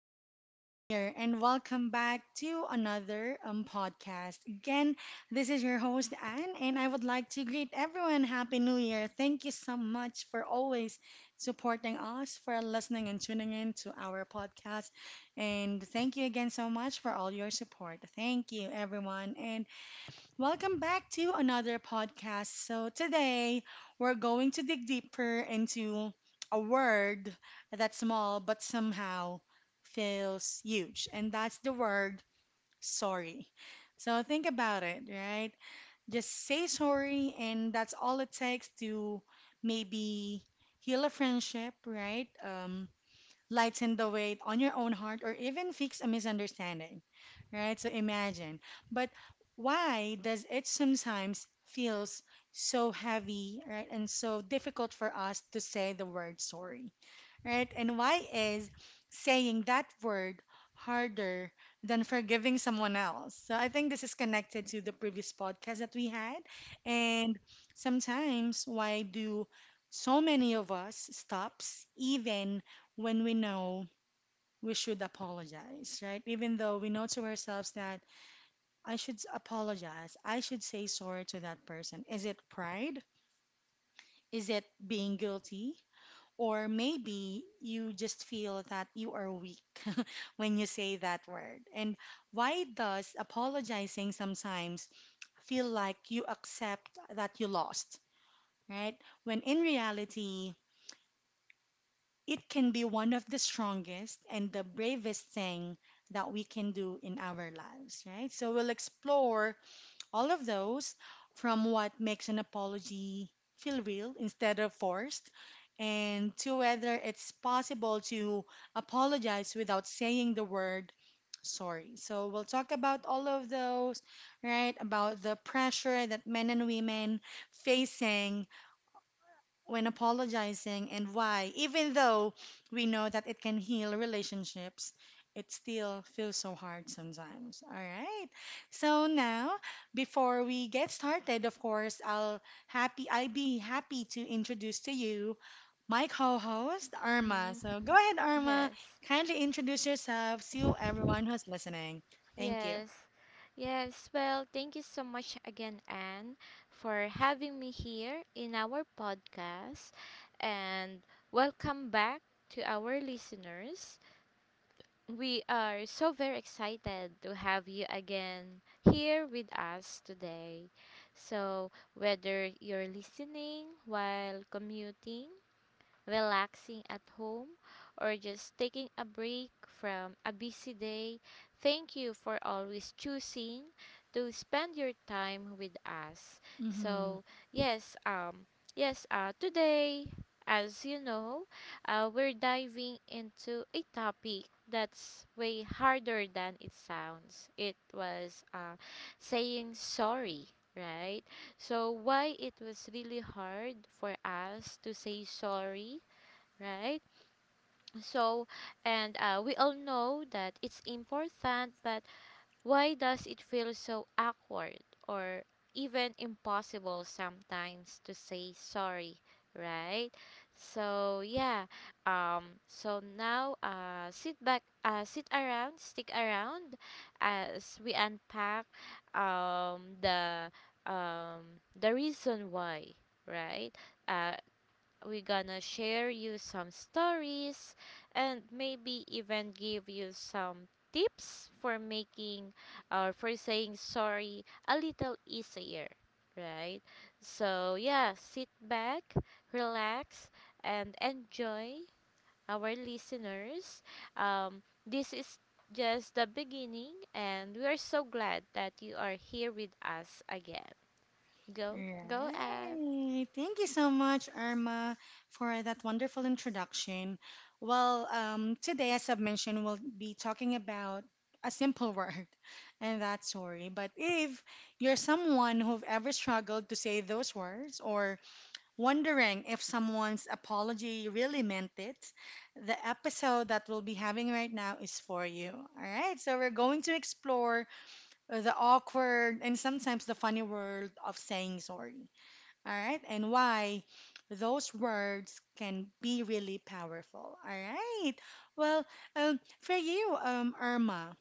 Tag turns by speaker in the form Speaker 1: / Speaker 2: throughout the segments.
Speaker 1: Happy New Year and welcome back to another podcast. Again, this is your host, Anne, and I would like to greet everyone. Happy New Year. Thank you so much for always supporting us, for listening and tuning in to our podcast. And thank you again so much for all your support. Thank you, everyone. And welcome back to another podcast. So, today we're going to dig deeper into a word that's small but somehow feels huge, and that's the word sorry. So, think about it, right? Just say sorry, and that's all it takes to maybe heal a friendship, right? Lighten the weight on your own heart, or even fix a misunderstanding, right? So imagine. But why does it sometimes feels so heavy, right? And so difficult for us to say the word sorry, right? And why is saying that word harder than forgiving someone else? So I think this is connected to the previous podcast that we had. And sometimes why do so many of us stops even when we know we should apologize, right? Even though we know to ourselves that apologize. I should say sorry to that person. Is it pride? Is it being guilty? Or maybe you just feel that you are weak when you say that word. And why does apologizing sometimes feel like you accept that you lost, right? When in reality, it can be one of the strongest and the bravest thing that we can do in our lives, right? So we'll explore all of those, from what makes an apology feel real instead of forced, and to whether it's possible to apologize without saying the word sorry. So we'll talk about all of those, right? About the pressure that men and women facing when apologizing and why, even though we know that it can heal relationships, it still feels so hard sometimes. All right. So now, before we get started, of course, I'll happy I be happy to introduce to you my co-host Arma.
Speaker 2: Mm-hmm.
Speaker 1: So go ahead, Arma.
Speaker 2: Yes.
Speaker 1: Kindly introduce yourself to everyone who's listening. Thank you.
Speaker 2: Yes. Yes. Well, thank you so much again, Anne, for having me here in our podcast. And Welcome back to our listeners. We are so very excited to have you again here with us today. So, whether you're listening while commuting, relaxing at home, or just taking a break from a busy day, thank you for always choosing to spend your time with us.
Speaker 1: Mhm.
Speaker 2: So, yes, um, yes, today, as you know, we're diving into a topic that's way harder than it sounds. It was saying sorry, right? So, why it was really hard for us to say sorry, right? So, and We all know that it's important, but why does it feel so awkward or even impossible sometimes to say sorry, right? So, yeah. So now, sit back, sit around, stick around as we unpack um, the the reason why, right? Uh, we're gonna share you some stories and maybe even give you some tips for making or for saying sorry a little easier, right? So, yeah, sit back, relax, and enjoy, our listeners. This is just the beginning, and we are so glad that you are here with us again. Go, Anne.
Speaker 1: Right. Thank you so much, Irma, for that wonderful introduction. Well, today, as I've mentioned, we'll be talking about a simple word, and that's sorry. But if you're someone who've ever struggled to say those words or wondering if someone's apology really meant it, the episode that we'll be having right now is for you. All right, so we're going to explore the awkward and sometimes the funny world of saying sorry, all right, and why those words can be really powerful. All right. Well, for you, Irma,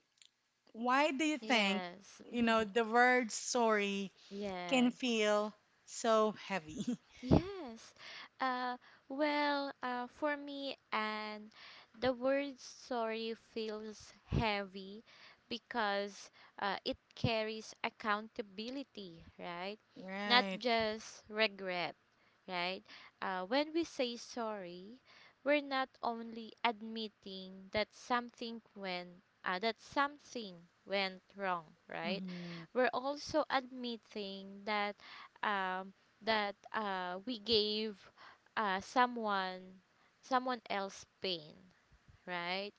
Speaker 1: why do you think,
Speaker 2: Yes,
Speaker 1: you know, the word sorry can
Speaker 2: yes.
Speaker 1: feel so heavy?
Speaker 2: Yes. Uh, well, for me, and the word sorry feels heavy because it carries accountability, right? Not
Speaker 1: Right.
Speaker 2: just regret, right? When we say sorry, we're not only admitting that something went wrong, right?
Speaker 1: Mm-hmm.
Speaker 2: We're also admitting that um, we gave uh, someone someone else pain, right?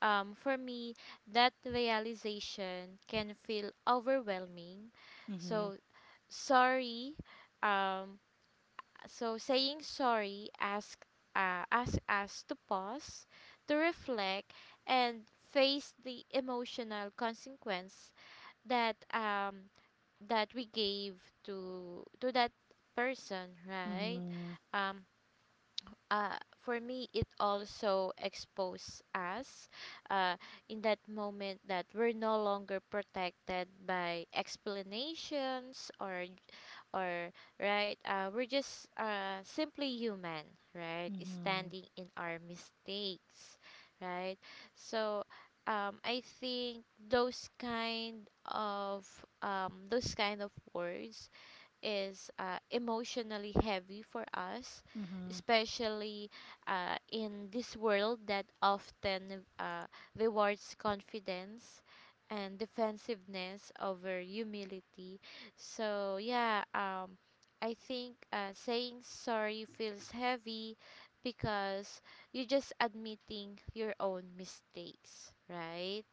Speaker 2: For me, that realization can feel overwhelming.
Speaker 1: Mm-hmm.
Speaker 2: So sorry. Um, so saying sorry ask us to pause, to reflect, and face the emotional consequence that that we gave to that person, right?
Speaker 1: Mm-hmm.
Speaker 2: Um. For me, it also exposes us, uh, in that moment, that we're no longer protected by explanations or right. We're just simply human, right,
Speaker 1: Mm-hmm.
Speaker 2: standing in our mistakes, right. So I think those kind of words is emotionally heavy for us,
Speaker 1: Mm-hmm.
Speaker 2: especially in this world that often rewards confidence and defensiveness over humility. So, yeah, I think saying sorry feels heavy because you're just admitting your own mistakes, right?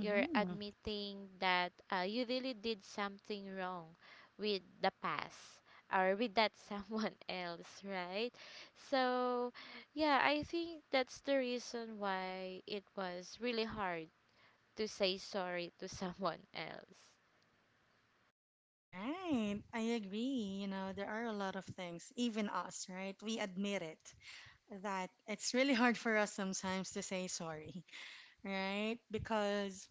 Speaker 2: You're admitting that you really did something wrong with the past or with that someone, else, right? So, yeah, I think that's the reason why it was really hard to say sorry to someone else.
Speaker 1: Right. I agree. You know, there are a lot of things, even us, right? We admit it, that it's really hard for us sometimes to say sorry, right? Because,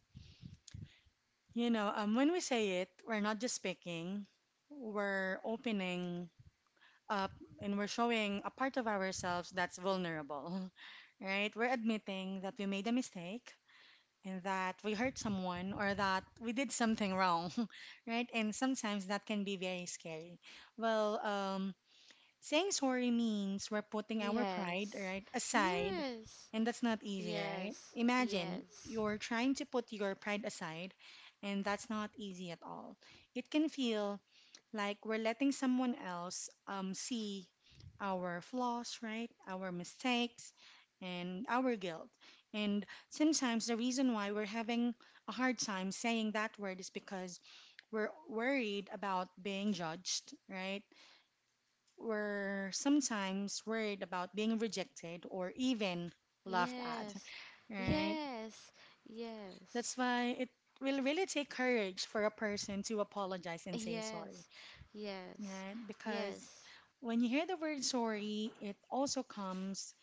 Speaker 1: you know, when we say it, we're not just speaking, we're opening up, and we're showing a part of ourselves that's vulnerable, right? We're admitting that we made a mistake and that we hurt someone or that we did something wrong, right? And sometimes that can be very scary. Well, saying sorry means we're putting our pride,
Speaker 2: Yes.
Speaker 1: right, aside,
Speaker 2: Yes.
Speaker 1: and that's not easy, right?
Speaker 2: Yes.
Speaker 1: Imagine
Speaker 2: Yes.
Speaker 1: you're trying to put your pride aside, and that's not easy at all. It can feel like we're letting someone else see our flaws, right, our mistakes, and our guilt. And sometimes the reason why we're having a hard time saying that word is because we're worried about being judged, right? We're sometimes worried about being rejected or even laughed at,
Speaker 2: Yes.
Speaker 1: right?
Speaker 2: Yes. Yes.
Speaker 1: That's why it will really take courage for a person to apologize and say sorry,
Speaker 2: Yes. Yes.
Speaker 1: right? Because
Speaker 2: Yes.
Speaker 1: when you hear the word sorry, it also comes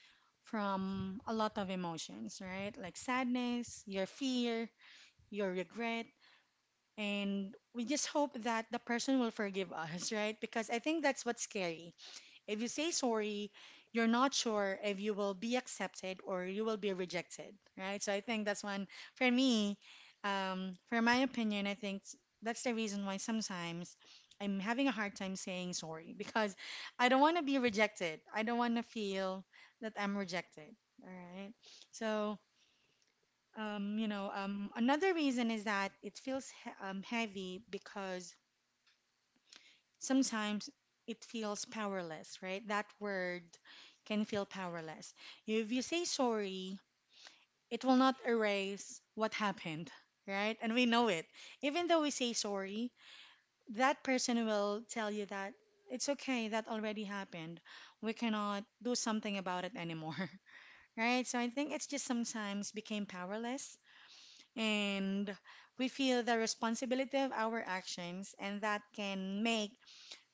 Speaker 1: from a lot of emotions, right? Like sadness, your fear, your regret. And we just hope that the person will forgive us, right? Because I think that's what's scary. If you say sorry, you're not sure if you will be accepted or you will be rejected, right? So I think that's one for me, for my opinion, I think that's the reason why sometimes I'm having a hard time saying sorry because I don't want to be rejected. I don't want to feel that I'm rejected, all right? So, you know, another reason is that it feels heavy because sometimes it feels powerless, right? That word can feel powerless. If you say sorry, it will not erase what happened, right? And we know it. Even though we say sorry, that person will tell you that it's okay, that already happened. We cannot do something about it anymore, right? So I think it's just sometimes became powerless, and we feel the responsibility of our actions, and that can make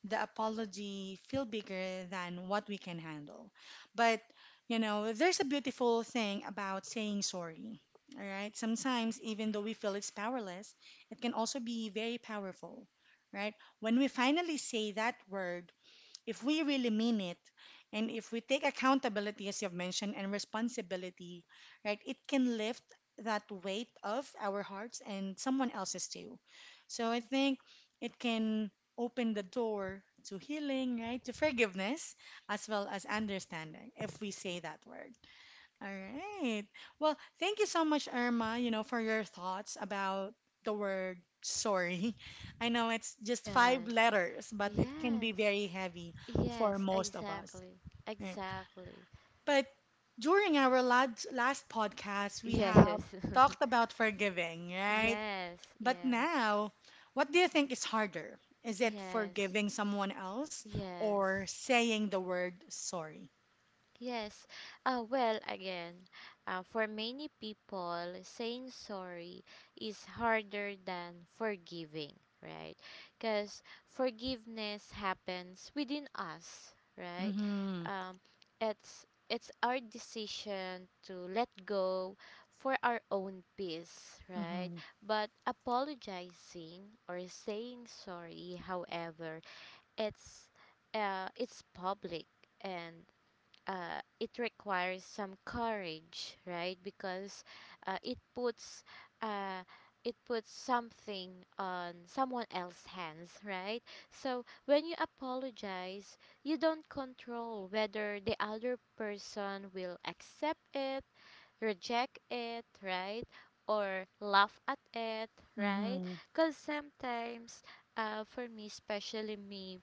Speaker 1: the apology feel bigger than what we can handle. But, you know, there's a beautiful thing about saying sorry. All right. Sometimes, even though we feel it's powerless, it can also be very powerful, right? When we finally say that word, if we really mean it and if we take accountability, as you've mentioned, and responsibility, right, it can lift that weight of our hearts and someone else's too. So I think it can open the door to healing, right, to forgiveness, as well as understanding if we say that word, all right. Well, thank you so much, Irma, you know, for your thoughts about the word sorry. I know it's just five
Speaker 2: Yes.
Speaker 1: letters, but it can be
Speaker 2: Yes.
Speaker 1: very heavy for
Speaker 2: Yes,
Speaker 1: most of us.
Speaker 2: exactly.
Speaker 1: Right.
Speaker 2: Exactly.
Speaker 1: But during our last podcast, we have
Speaker 2: Yes.
Speaker 1: talked about forgiving, right?
Speaker 2: Yes.
Speaker 1: But
Speaker 2: Yes.
Speaker 1: now, what do you think is harder? Is it
Speaker 2: Yes.
Speaker 1: forgiving someone else or
Speaker 2: Yes.
Speaker 1: saying the word sorry?
Speaker 2: Yes. Well, again, for many people, saying sorry is harder than forgiving, right? Because forgiveness happens within us, right?
Speaker 1: Mm-hmm.
Speaker 2: Um, it's our decision to let go for our own peace, right?
Speaker 1: Mm-hmm.
Speaker 2: But apologizing or saying sorry, however, it's it's public, and it requires some courage, right? Because uh, it puts uh, it puts something on someone else's hands, right? So when you apologize, you don't control whether the other person will accept it, reject it, right? Or laugh at it, right?
Speaker 1: Mm-hmm.
Speaker 2: Because sometimes, for me, especially me,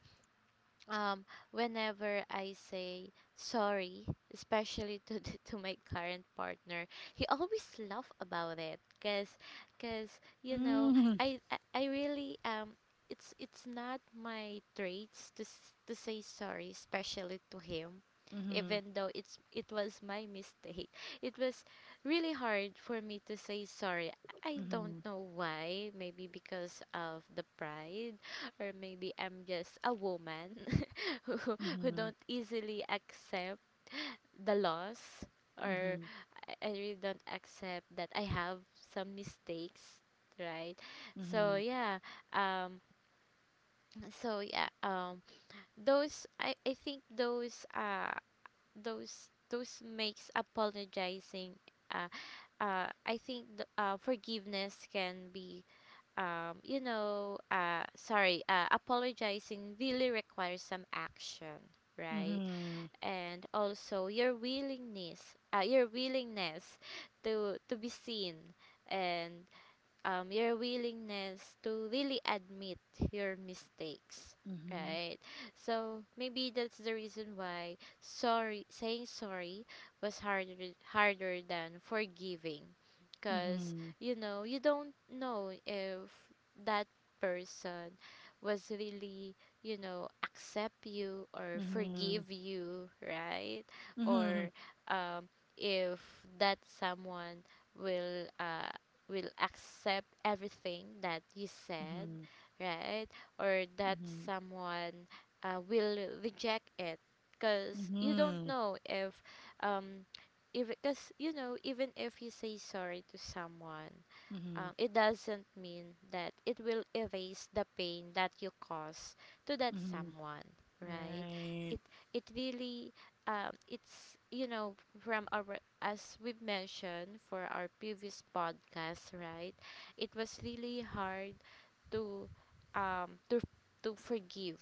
Speaker 2: um whenever I say sorry, especially to to my current partner, he always laugh about it cuz you know,
Speaker 1: Mm-hmm.
Speaker 2: I I really it's not my traits to to say sorry, especially to him,
Speaker 1: Mhm.
Speaker 2: even though it was my mistake. It was really hard for me to say sorry. I don't
Speaker 1: Mhm.
Speaker 2: know why, maybe because of the pride, or maybe I'm just a woman who
Speaker 1: Mhm.
Speaker 2: don't easily accept the loss, or
Speaker 1: Mhm.
Speaker 2: I really don't accept that I have some mistakes, right? So
Speaker 1: Mhm.
Speaker 2: yeah, um so yeah, I think those makes apologizing uh I think forgiveness can be apologizing really requires some action, right?
Speaker 1: Mhm.
Speaker 2: And also your willingness to be seen and your willingness to really admit your mistakes,
Speaker 1: Mhm.
Speaker 2: right? So maybe that's the reason why sorry saying sorry was harder, harder than forgiving, because
Speaker 1: Mhm.
Speaker 2: you know you don't know if that person was really, you know, accept you or
Speaker 1: Mhm.
Speaker 2: forgive you, right?
Speaker 1: Mhm.
Speaker 2: Or um, if that someone will uh, will accept everything that you said,
Speaker 1: Mhm.
Speaker 2: right? Or that
Speaker 1: Mhm.
Speaker 2: someone will reject it, because you don't
Speaker 1: Mhm.
Speaker 2: know um if because you know, even if you say sorry to someone,
Speaker 1: Mhm.
Speaker 2: it doesn't mean that it will erase the pain that you cause to that
Speaker 1: Mhm.
Speaker 2: someone, right.
Speaker 1: Right.
Speaker 2: it it really it's, you know, from our, as we've mentioned, for our previous podcast, right, it was really hard to um to to forgive,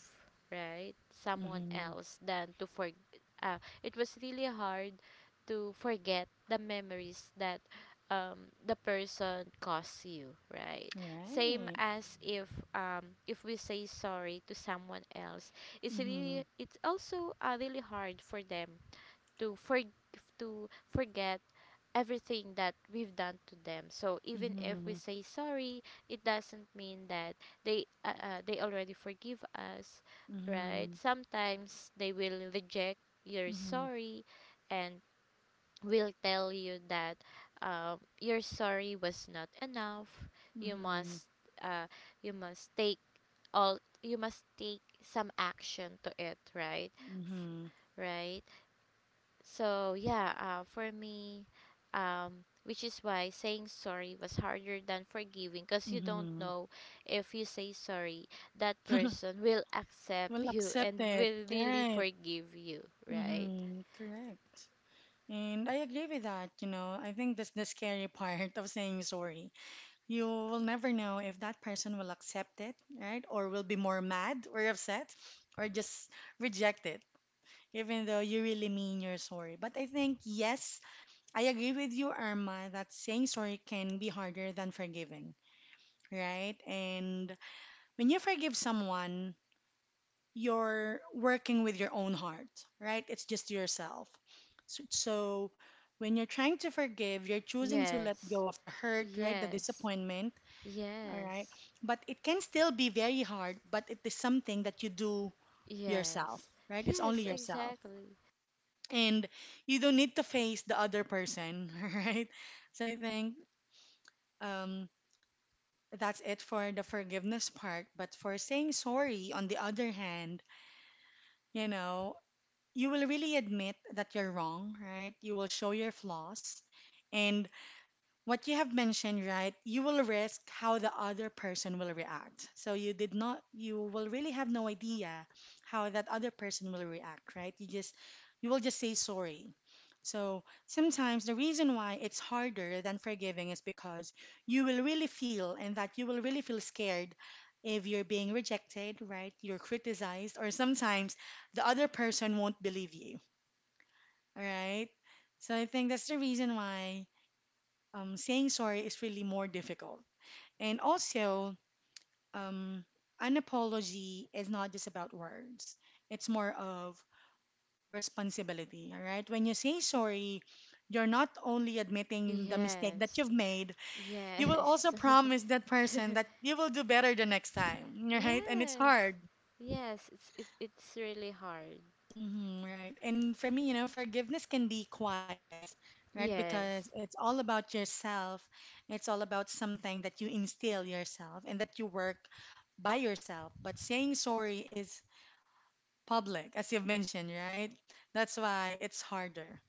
Speaker 2: right, someone
Speaker 1: Mhm.
Speaker 2: else than to for it was really hard to forget the memories that the person costs you, right? Same
Speaker 1: Right.
Speaker 2: as if we say sorry to someone else, it's really
Speaker 1: Mhm.
Speaker 2: it's also really hard for them to for to forget everything that we've done to them. So even if we
Speaker 1: Mhm.
Speaker 2: say sorry, it doesn't mean that they already forgive us, right?
Speaker 1: Mhm.
Speaker 2: Sometimes they will reject your
Speaker 1: Mhm.
Speaker 2: sorry, and will tell you that your sorry was not enough. You
Speaker 1: Mhm.
Speaker 2: must uh, you must take all you must take some action to it, right? F-
Speaker 1: Mhm.
Speaker 2: right. So yeah, for me, which is why saying sorry was harder than forgiving, because you don't
Speaker 1: Mhm.
Speaker 2: know if you say sorry, that person will accept
Speaker 1: Well,
Speaker 2: you
Speaker 1: accept
Speaker 2: and
Speaker 1: it.
Speaker 2: will really
Speaker 1: Right.
Speaker 2: forgive you, right?
Speaker 1: Mm-hmm. Correct. And I agree with that, you know. I think that's the scary part of saying sorry. You will never know if that person will accept it, right? Or will be more mad or upset or just reject it, even though you really mean you're sorry. But I think, yes, I agree with you, Irma, that saying sorry can be harder than forgiving, right? And when you forgive someone, you're working with your own heart, right? It's just yourself. So when you're trying to forgive, you're choosing to let
Speaker 2: Yes.
Speaker 1: go of the hurt, right? The
Speaker 2: Yes.
Speaker 1: disappointment, all right.
Speaker 2: Yes,
Speaker 1: But it can still be very hard, but it is something that you do yourself,
Speaker 2: yes,
Speaker 1: right? It's only
Speaker 2: yes,
Speaker 1: yourself.
Speaker 2: exactly.
Speaker 1: And you don't need to face the other person, right? So I think um, that's it for the forgiveness part. But for saying sorry, on the other hand, you know, you will really admit that you're wrong, right? You will show your flaws. And what you have mentioned, right? You will risk how the other person will react. So you did not, you will really have no idea how that other person will react, right? You just, you will just say sorry. So sometimes the reason why it's harder than forgiving is because you will really feel, and that you will really feel scared if you're being rejected, right? You're criticized, or sometimes the other person won't believe you, all right? So I think that's the reason why saying sorry is really more difficult. And also, um, an apology is not just about words, it's more of responsibility. All right. When you say sorry, you're not only admitting the mistake that
Speaker 2: Yes,
Speaker 1: you've made, you will also
Speaker 2: yes,
Speaker 1: promise that person that you will do better the next time. All right, and it's
Speaker 2: yes,
Speaker 1: hard.
Speaker 2: yes. It's really hard.
Speaker 1: Mm-hmm, right. And for me, you know, forgiveness can be quiet, right? Because
Speaker 2: Yes,
Speaker 1: it's all about yourself. It's all about something that you instill yourself and that you work by yourself. But saying sorry is public, as you've mentioned, right? That's why it's harder.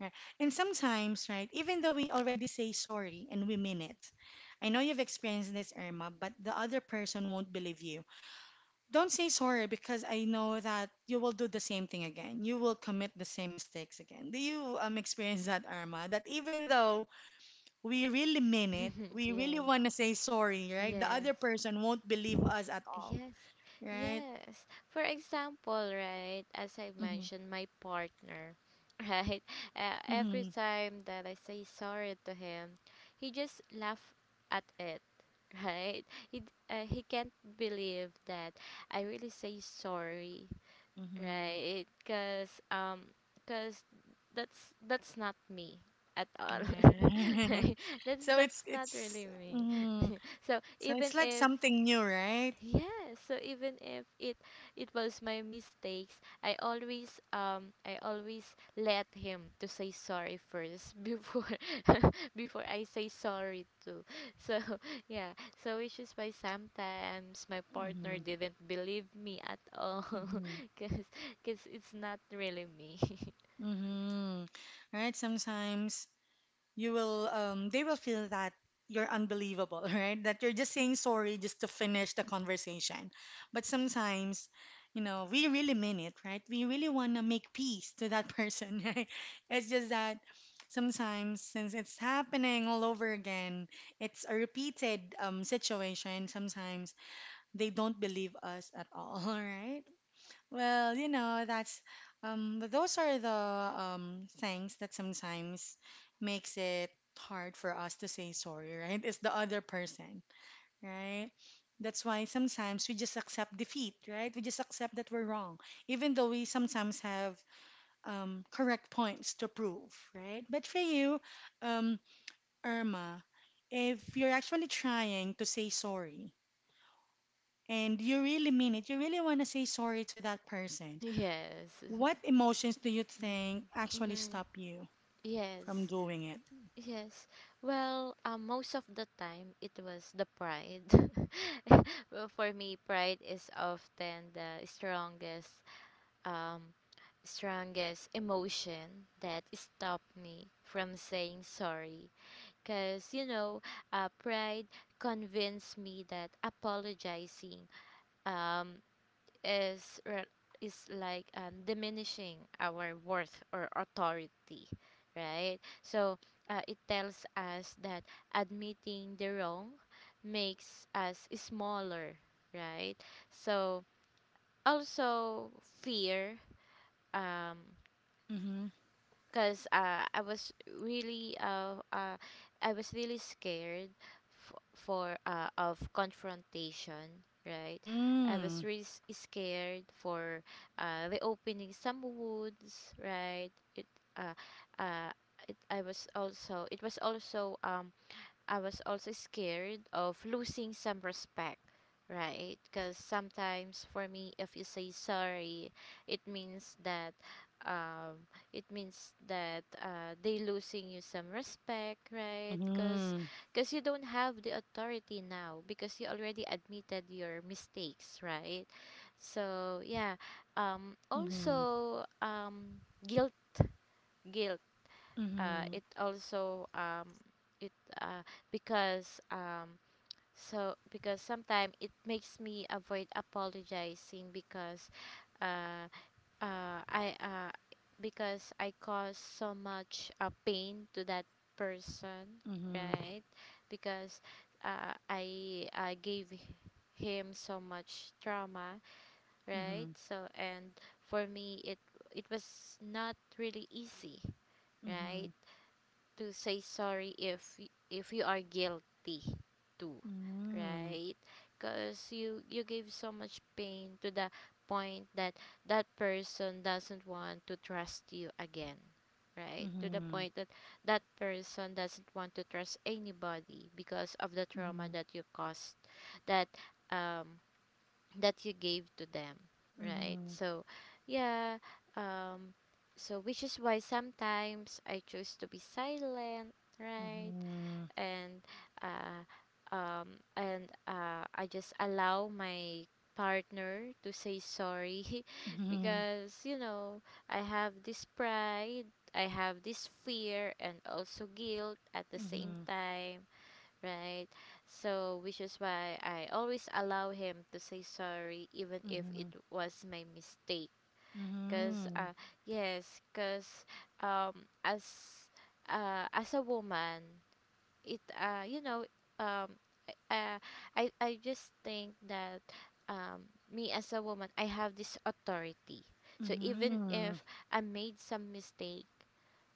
Speaker 1: Right? And sometimes, right, even though we already say sorry and we mean it, I know you've experienced this, Irma, but the other person won't believe you. Don't say sorry because I know that you will do the same thing again. You will commit the same mistakes again. Do you experience that, Arma? That even though we really mean it, we really
Speaker 2: yes,
Speaker 1: want to say sorry, right? The
Speaker 2: yes,
Speaker 1: other person won't believe us at all,
Speaker 2: yes,
Speaker 1: right?
Speaker 2: Yes. For example, right, as I
Speaker 1: Mm-hmm.
Speaker 2: mentioned, my partner, right, every
Speaker 1: Mm-hmm.
Speaker 2: time that I say sorry to him, he just laugh at it, right? He can't believe that I really say sorry, right? Because cause that's not me at all.
Speaker 1: Mm-hmm. So
Speaker 2: That's not really me. So
Speaker 1: so it's
Speaker 2: even
Speaker 1: like
Speaker 2: if,
Speaker 1: something new, right?
Speaker 2: yeah, so even if it it was my mistakes, I always, I always let him to say sorry first before before I say sorry too. So, yeah, so which is why sometimes my partner
Speaker 1: Mm-hmm.
Speaker 2: didn't believe me at all,
Speaker 1: Mm-hmm.
Speaker 2: cause it's not really me.
Speaker 1: Mm-hmm. Right? Sometimes you will they will feel that you're unbelievable right, that you're just saying sorry just to finish the conversation, but sometimes you know we really mean it, right? We really want to make peace to that person right. It's just that sometimes, since it's happening all over again, it's a repeated situation. Sometimes they don't believe us at all right. Well, that's those are the things that sometimes makes it hard for us to say sorry, right? It's the other person, right? That's why sometimes we just accept defeat, right? We just accept that we're wrong, even though we sometimes have correct points to prove, right? But for you, um Irma, if you're actually trying to say sorry and you really mean it, you really want to say sorry to that person,
Speaker 2: Yes.
Speaker 1: what emotions do you
Speaker 2: Mm-hmm.
Speaker 1: think actually
Speaker 2: hmm
Speaker 1: stop you from
Speaker 2: Yes.
Speaker 1: doing it?
Speaker 2: Yes. Well, most of the time it was the pride. Well, for me, pride is often the um strongest emotion that stopped me from saying sorry, because you know, pride convinced me that apologizing, um is re- is like, diminishing our worth or authority, right? So it tells us that admitting the wrong makes us smaller, right. So also fear, um,
Speaker 1: Mm-hmm.
Speaker 2: because really uh, uh I was really scared f- for of confrontation, right. I
Speaker 1: Mm-hmm.
Speaker 2: was really scared for the opening some woods, right. it uh uh it was also um, I was also scared of losing some respect, right? Because sometimes for me, if you say sorry, it means that they losing you some respect, right? Because
Speaker 1: Mm-hmm.
Speaker 2: because you don't have the authority now because you already admitted your mistakes, right? So yeah,
Speaker 1: Mm-hmm.
Speaker 2: also, guilt, guilt
Speaker 1: Mm-hmm.
Speaker 2: it also it uh, because so because sometimes it makes me avoid apologizing because uh, I because I cause so much pain to that person,
Speaker 1: Mm-hmm.
Speaker 2: right? Because I gave him so much trauma, right?
Speaker 1: Mm-hmm.
Speaker 2: So, and for me, it was not really easy,
Speaker 1: Mm-hmm.
Speaker 2: right, to say sorry if if you are guilty too,
Speaker 1: Mm-hmm.
Speaker 2: right? Because you give so much pain to the point that that person doesn't want to trust you again, right, to the point that that person doesn't want to trust anybody because of the
Speaker 1: Mm-hmm.
Speaker 2: trauma that you caused, that um that you gave to them, right. So yeah, um, so which is why sometimes I choose to be silent, right.
Speaker 1: Mm-hmm. Mm-hmm.
Speaker 2: And uh um and uh I just allow my partner to say sorry.
Speaker 1: Mm-hmm. Mm-hmm.
Speaker 2: Because you know, I have this pride, I have this fear, and also guilt at the same
Speaker 1: Mm-hmm.
Speaker 2: time, right? So, which is why I always allow him to say sorry, even if it was my mistake. Cause, uh, yes, cause, um, as, as a woman, you know, um, uh, I just think that, me as a woman, I have this authority. So even if I made some mistake,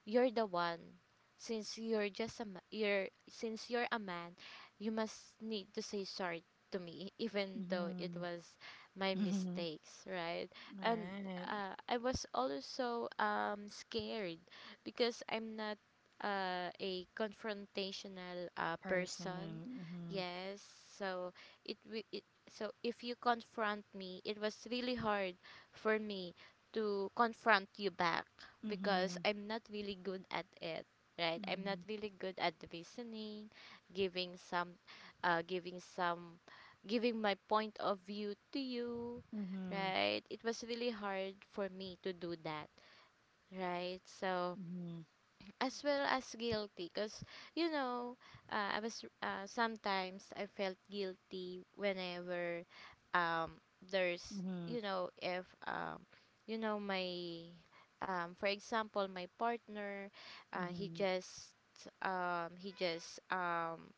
Speaker 2: you're the one since you're just a ma- you're since you're a man you must need to say sorry to me even though it
Speaker 1: Mm-hmm.
Speaker 2: was my
Speaker 1: Mm-hmm.
Speaker 2: mistakes, right? And
Speaker 1: Right.
Speaker 2: I was also scared because I'm not a confrontational
Speaker 1: Person.
Speaker 2: person. Yes, so it, wi- it so if you confront me it was really hard for me to confront you back
Speaker 1: Mm-hmm.
Speaker 2: because
Speaker 1: Mm-hmm.
Speaker 2: I'm not really good at it, right? I'm not
Speaker 1: Mm-hmm.
Speaker 2: really good at reasoning, giving some, uh, giving some, giving my point of view to you,
Speaker 1: Mm-hmm.
Speaker 2: right? It was really hard for me to do that, right? So, as well as guilty because you know I was, sometimes I felt guilty whenever, um there's
Speaker 1: Mm-hmm.
Speaker 2: you know if you know my for example my partner, uh, he
Speaker 1: Mm-hmm.
Speaker 2: just he just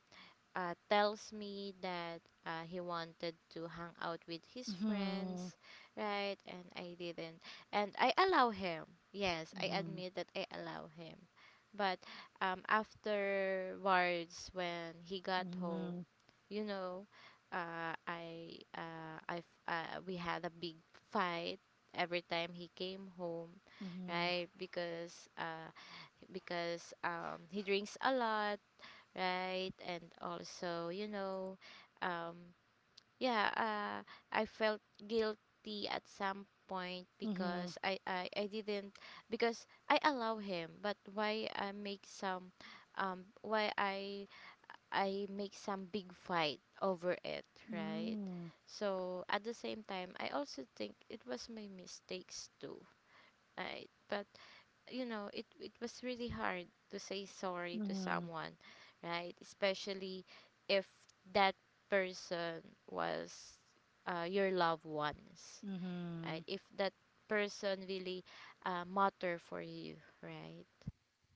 Speaker 2: tells me that he wanted to hang out with his
Speaker 1: Mhm.
Speaker 2: friends, right? And I didn't. And I allow him. Yes, I
Speaker 1: Mhm.
Speaker 2: admit that I allow him. But afterwards, when he got home,
Speaker 1: Mhm.
Speaker 2: you know, we had a big fight every time he came home,
Speaker 1: Mhm.
Speaker 2: right? Because he drinks a lot, right? And also, you know, um, yeah, uh, I felt guilty at some point
Speaker 1: Mhm.
Speaker 2: because I didn't, because I allow him, but why I make some, why I make some big fight over it, right?
Speaker 1: Mm.
Speaker 2: So at the same time, I also think it was my mistakes too, right? But you know it was really hard to say sorry to
Speaker 1: Mhm.
Speaker 2: someone, right? Especially if that person was, your loved ones, right?
Speaker 1: Mhm.
Speaker 2: If that person really, matter for you, right?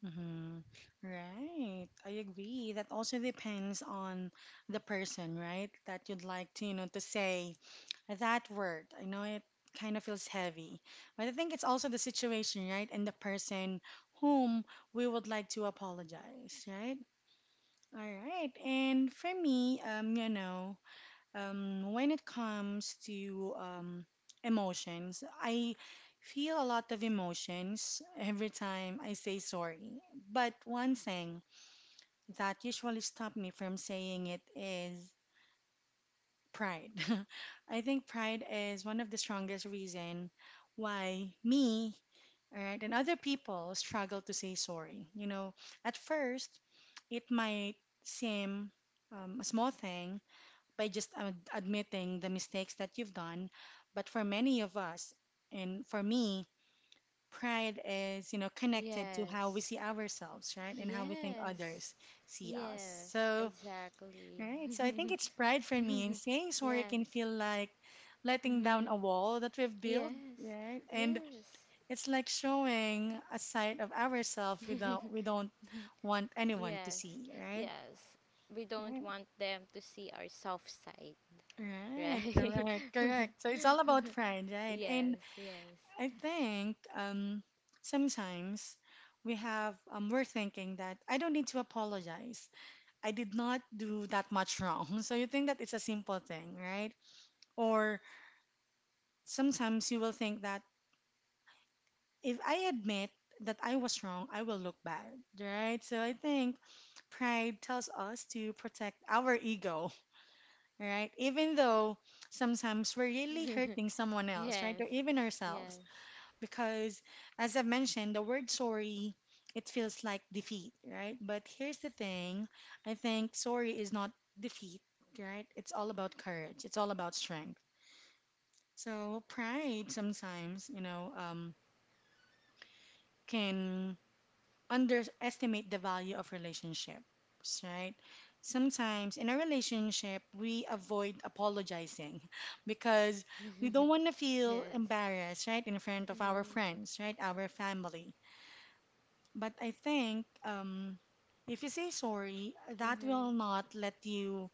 Speaker 1: Mhm. Right. I agree. That also depends on the person, right? That you'd like to, you know, to say that word. I know it kind of feels heavy, but I think it's also the situation, right? And the person whom we would like to apologize, right? All right. And for me, you know, um, when it comes to emotions, I feel a lot of emotions every time I say sorry. But one thing that usually stopped me from saying it is pride. I think pride is one of the strongest reason why me, all right, and other people struggle to say sorry. You know, at first, it might seem a small thing by just admitting the mistakes that you've done. But for many of us, and for me, pride is, you know, connected to how we
Speaker 2: Yes,
Speaker 1: see ourselves, right? And how we think
Speaker 2: yes,
Speaker 1: others see us.
Speaker 2: yes,
Speaker 1: So,
Speaker 2: exactly.
Speaker 1: right. So I think it's pride for me. And saying sorry can
Speaker 2: Yes.
Speaker 1: feel like letting down
Speaker 2: Mhm.
Speaker 1: a wall that we've built,
Speaker 2: Yes,
Speaker 1: right? And
Speaker 2: yes.
Speaker 1: it's like showing a side of ourselves without we don't want anyone to
Speaker 2: Yes,
Speaker 1: see, right?
Speaker 2: yes. We don't
Speaker 1: Right,
Speaker 2: want them to see our soft side,
Speaker 1: right,
Speaker 2: right?
Speaker 1: correct, correct. So it's all about pride, right? And
Speaker 2: Yes, yes.
Speaker 1: I think sometimes we have, we're thinking that I don't need to apologize. I did not do that much wrong. So you think that it's a simple thing, right? Or sometimes you will think that if I admit that I was wrong, I will look bad, right? So I think pride tells us to protect our ego, right? Even though sometimes we're really hurting someone else, right?
Speaker 2: Yes,
Speaker 1: Or even ourselves.
Speaker 2: yes.
Speaker 1: Because as I've mentioned, the word sorry, it feels like defeat, right? But here's the thing, I think sorry is not defeat, right? It's all about courage. It's all about strength. So pride sometimes, you know, can underestimate the value of relationships, right? Sometimes in a relationship, we avoid apologizing because we don't want to feel
Speaker 2: Yes.
Speaker 1: embarrassed, right, in front of our
Speaker 2: Mm,
Speaker 1: friends, right, our family. But I think if you say sorry, that
Speaker 2: mm-hmm.
Speaker 1: will not let you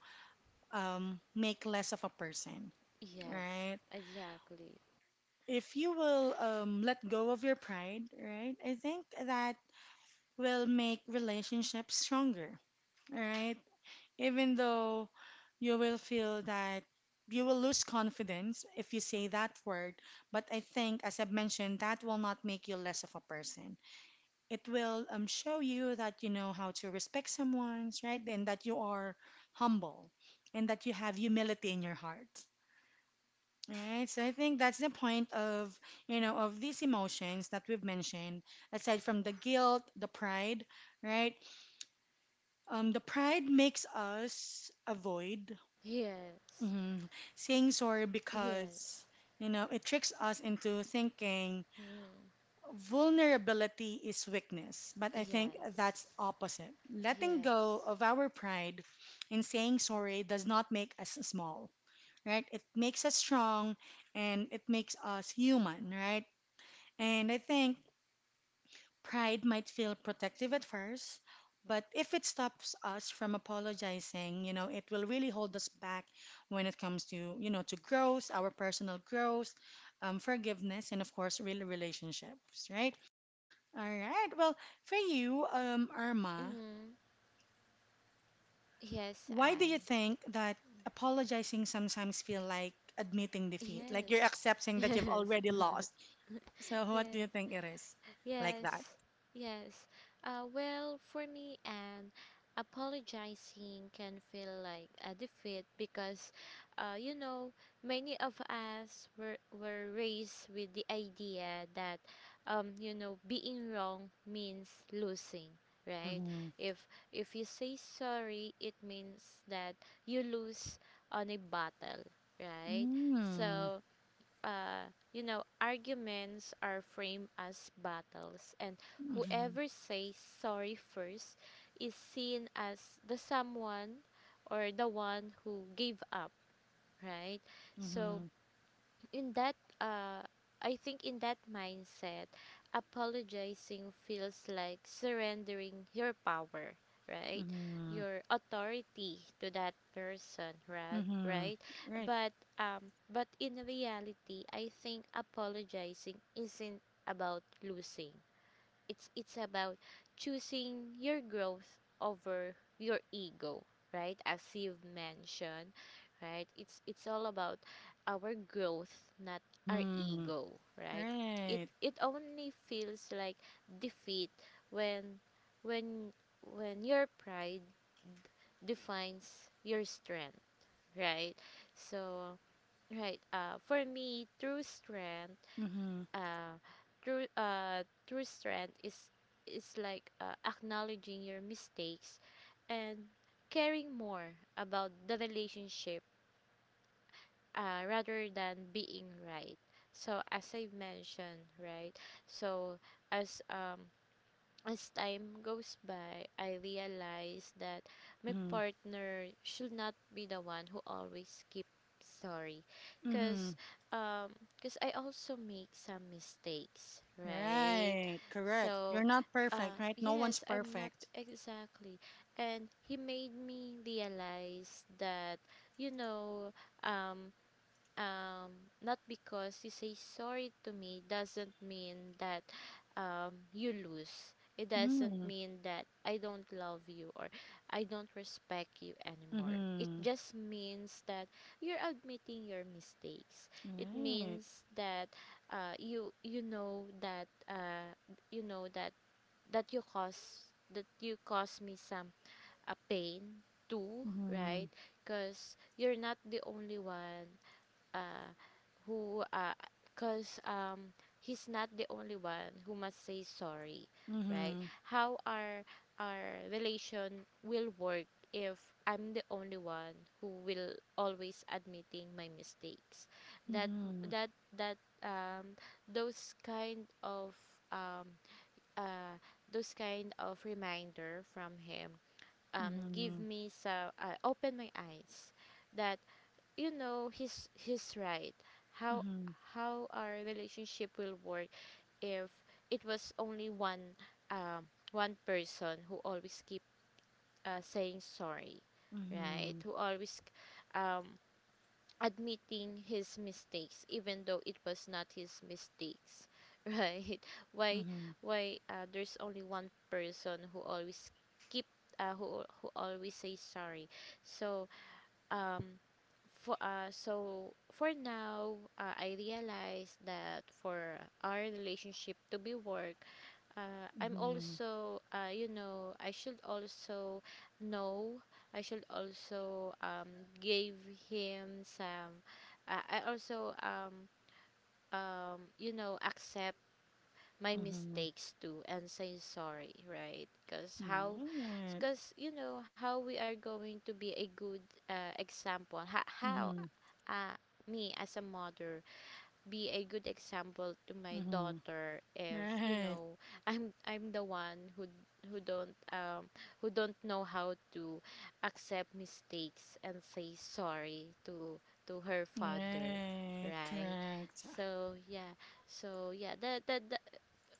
Speaker 1: make less of a person,
Speaker 2: Yes,
Speaker 1: right?
Speaker 2: exactly.
Speaker 1: If you will let go of your pride, right? I think that will make relationships stronger, right? Even though you will feel that you will lose confidence if you say that word, but I think, as I've mentioned, that will not make you less of a person. It will show you that you know how to respect someone's right and that you are humble and that you have humility in your heart, right? So I think that's the point of, you know, of these emotions that we've mentioned, aside from the guilt, the pride, right? The pride makes us avoid,
Speaker 2: Yes,
Speaker 1: mhm, saying sorry because
Speaker 2: yes.
Speaker 1: you know it tricks us into thinking
Speaker 2: Mm,
Speaker 1: vulnerability is weakness, but I think
Speaker 2: yes,
Speaker 1: that's opposite. Letting go
Speaker 2: yes.
Speaker 1: of our pride and saying sorry does not make us small, right? It makes us strong and it makes us human, right? And I think pride might feel protective at first, but if it stops us from apologizing, you know, it will really hold us back when it comes to, you know, to growth, our personal growth, forgiveness, and of course, real relationships, right? All right. Well, for you, Irma,
Speaker 2: Mm, yes,
Speaker 1: why do you think that apologizing sometimes feel like admitting
Speaker 2: and
Speaker 1: defeat, like you're
Speaker 2: yes,
Speaker 1: accepting that you've
Speaker 2: yes.
Speaker 1: already lost? So, what do you
Speaker 2: Yes,
Speaker 1: think it is like that?
Speaker 2: yes. yes. Well, for me, and apologizing can feel like a defeat because, you know, many of us were raised with the idea that, you know, being wrong means losing, right?
Speaker 1: Mm-hmm.
Speaker 2: If if you say sorry, it means that you lose on a battle, right?
Speaker 1: Mm-hmm.
Speaker 2: So uh, you know, arguments are framed as battles, and whoever says sorry first is seen as the someone or the one who gave up, right? So,
Speaker 1: Mm-hmm.
Speaker 2: in that uh I think in that mindset, apologizing feels like surrendering your power, right?
Speaker 1: Mm-hmm.
Speaker 2: Your authority to that person, right?
Speaker 1: Mm-hmm.
Speaker 2: Right?
Speaker 1: Right.
Speaker 2: But in reality, I think apologizing isn't about losing. It's about choosing your growth over your ego, right? As you've mentioned, right? It's all about our growth, not our
Speaker 1: Mm-hmm.
Speaker 2: ego, right? It
Speaker 1: Right.
Speaker 2: it only feels like defeat when when when your pride defines your strength, right? So right, for me, true strength,
Speaker 1: Mm-hmm.
Speaker 2: uh, true strength is like, acknowledging your mistakes and caring more about the relationship, rather than being right. So as I mentioned, right? So as um as time goes by, I realized that my
Speaker 1: Mm-hmm.
Speaker 2: partner should not be the one who always keep sorry
Speaker 1: Mm-hmm.
Speaker 2: because I also make some mistakes, right?
Speaker 1: Right. Correct. You're
Speaker 2: So
Speaker 1: not perfect, right? No one's
Speaker 2: yes, I'm not
Speaker 1: perfect.
Speaker 2: exactly, and he made me realize that you know, um um not because you say sorry to me doesn't mean that you lose. It doesn't
Speaker 1: Mm-hmm.
Speaker 2: mean that I don't love you or I don't respect you anymore. It
Speaker 1: Mm-hmm.
Speaker 2: just means that you're admitting your mistakes. It
Speaker 1: Right.
Speaker 2: means that, uh you you know that uh you know that that you cause me some a pain too, right?
Speaker 1: Mhm.
Speaker 2: Because you're not the only one, uh, who Cause he's not the only one who must say sorry, right?
Speaker 1: Mhm.
Speaker 2: How our relation will work if I'm the only one who will always admitting my mistakes. That
Speaker 1: Mhm.
Speaker 2: that that um uh those kind of reminder from him, give
Speaker 1: Mhm.
Speaker 2: me some, open my eyes that, you know, he's right. how
Speaker 1: Mhm.
Speaker 2: how our relationship will work if it was only one um one person who always keep, saying sorry, right?
Speaker 1: Mhm.
Speaker 2: Who always um admitting his mistakes even though it was not his mistakes, right? Why,
Speaker 1: Mhm.
Speaker 2: there's only one person who always keep, who always say sorry. So um for so for now, I realize that for our relationship to be work, I'm also, you know, I should also know, I should also give him some, I also you know, accept my
Speaker 1: Mhm.
Speaker 2: mistakes too and say sorry, right? Because how,
Speaker 1: Mhm. Right.
Speaker 2: because you know how we are going to be a good, example. How,
Speaker 1: Mhm.
Speaker 2: uh, me as a mother be a good example to my
Speaker 1: Mhm.
Speaker 2: daughter if, you
Speaker 1: Right.
Speaker 2: know, I'm the one who who don't um who don't know how to accept mistakes and say sorry to her father,
Speaker 1: Right.
Speaker 2: right?
Speaker 1: Correct.
Speaker 2: So yeah, so yeah that that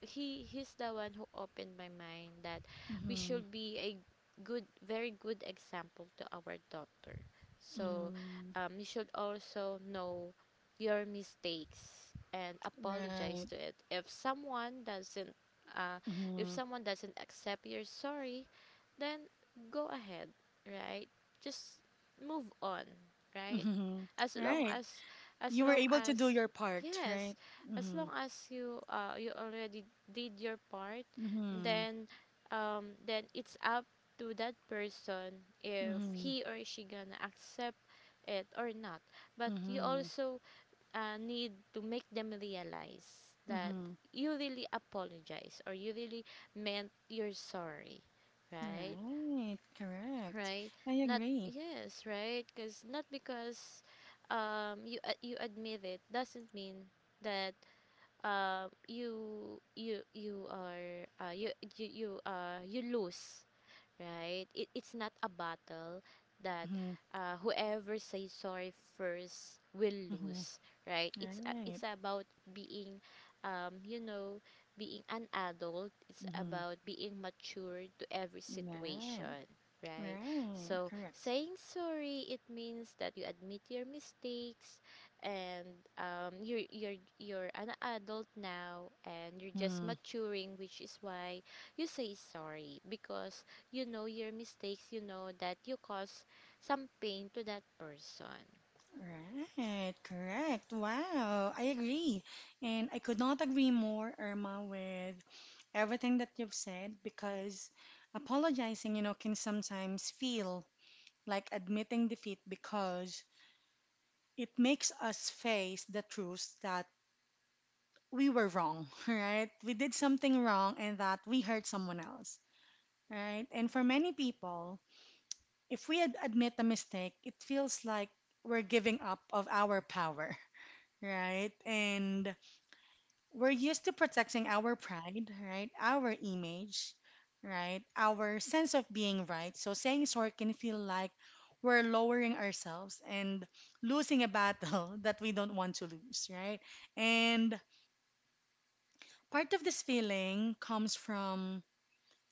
Speaker 2: he, he's the one who opened my mind that we
Speaker 1: Mhm.
Speaker 2: should be a good, very good example to our daughter. So
Speaker 1: Mhm.
Speaker 2: you should also know your mistakes and apologize
Speaker 1: Right.
Speaker 2: to it if someone doesn't, uh, if
Speaker 1: Mhm.
Speaker 2: someone doesn't accept your sorry, then go ahead, right? Just move on, right?
Speaker 1: Mhm.
Speaker 2: as long
Speaker 1: Right.
Speaker 2: as as
Speaker 1: You were
Speaker 2: long
Speaker 1: able to do
Speaker 2: as
Speaker 1: your part, right?
Speaker 2: yes as long
Speaker 1: Mhm.
Speaker 2: as you, you already did your part,
Speaker 1: Mhm.
Speaker 2: then then it's up to that person if
Speaker 1: Mhm.
Speaker 2: he or she gonna accept it or not. But you
Speaker 1: Mhm.
Speaker 2: also, need to make them realize that
Speaker 1: Mhm.
Speaker 2: you really apologize or you really meant you're sorry, right?
Speaker 1: Right. Correct.
Speaker 2: Right?
Speaker 1: I
Speaker 2: Not
Speaker 1: agree.
Speaker 2: yes right because not because you admit, it doesn't mean that you are, you lose, right? It's not a battle that,
Speaker 1: Mm-hmm.
Speaker 2: whoever says sorry first will
Speaker 1: Mm-hmm.
Speaker 2: lose, right? It's a-
Speaker 1: Right.
Speaker 2: it's about being, you know, being an adult. It's
Speaker 1: Hmm.
Speaker 2: about being mature to every
Speaker 1: Right.
Speaker 2: situation, right?
Speaker 1: Right.
Speaker 2: So
Speaker 1: Correct.
Speaker 2: saying sorry, it means that you admit your mistakes, and you're you're an adult now, and you're just
Speaker 1: Mm-hmm.
Speaker 2: maturing, which is why you say sorry, because you know your mistakes, you know that you cause some pain to that person.
Speaker 1: Right. Correct. Wow. I agree. And I could not agree more, Irma, with everything that you've said because apologizing, you know, can sometimes feel like admitting defeat because it makes us face the truth that we were wrong, right? We did something wrong and that we hurt someone else, right? And for many people, if we admit a mistake, it feels like we're giving up of our power, right? And we're used to protecting our pride, right? Our image, right? Our sense of being right. So saying sorry can feel like we're lowering ourselves and losing a battle that we don't want to lose, right? And part of this feeling comes from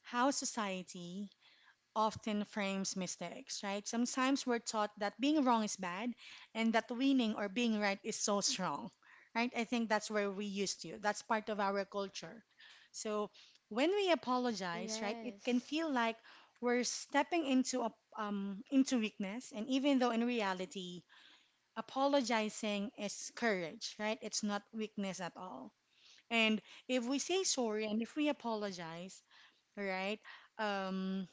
Speaker 1: how society often frames mistakes, right? Sometimes we're taught that being wrong is bad and that winning or being right is so strong, right? I think that's where we used to. That's part of our culture. So when we apologize, right, it can
Speaker 2: Yes.
Speaker 1: feel like we're stepping into a into weakness, and even though in reality, apologizing is courage, right? It's not weakness at all. And if we say sorry and if we apologize, right, um,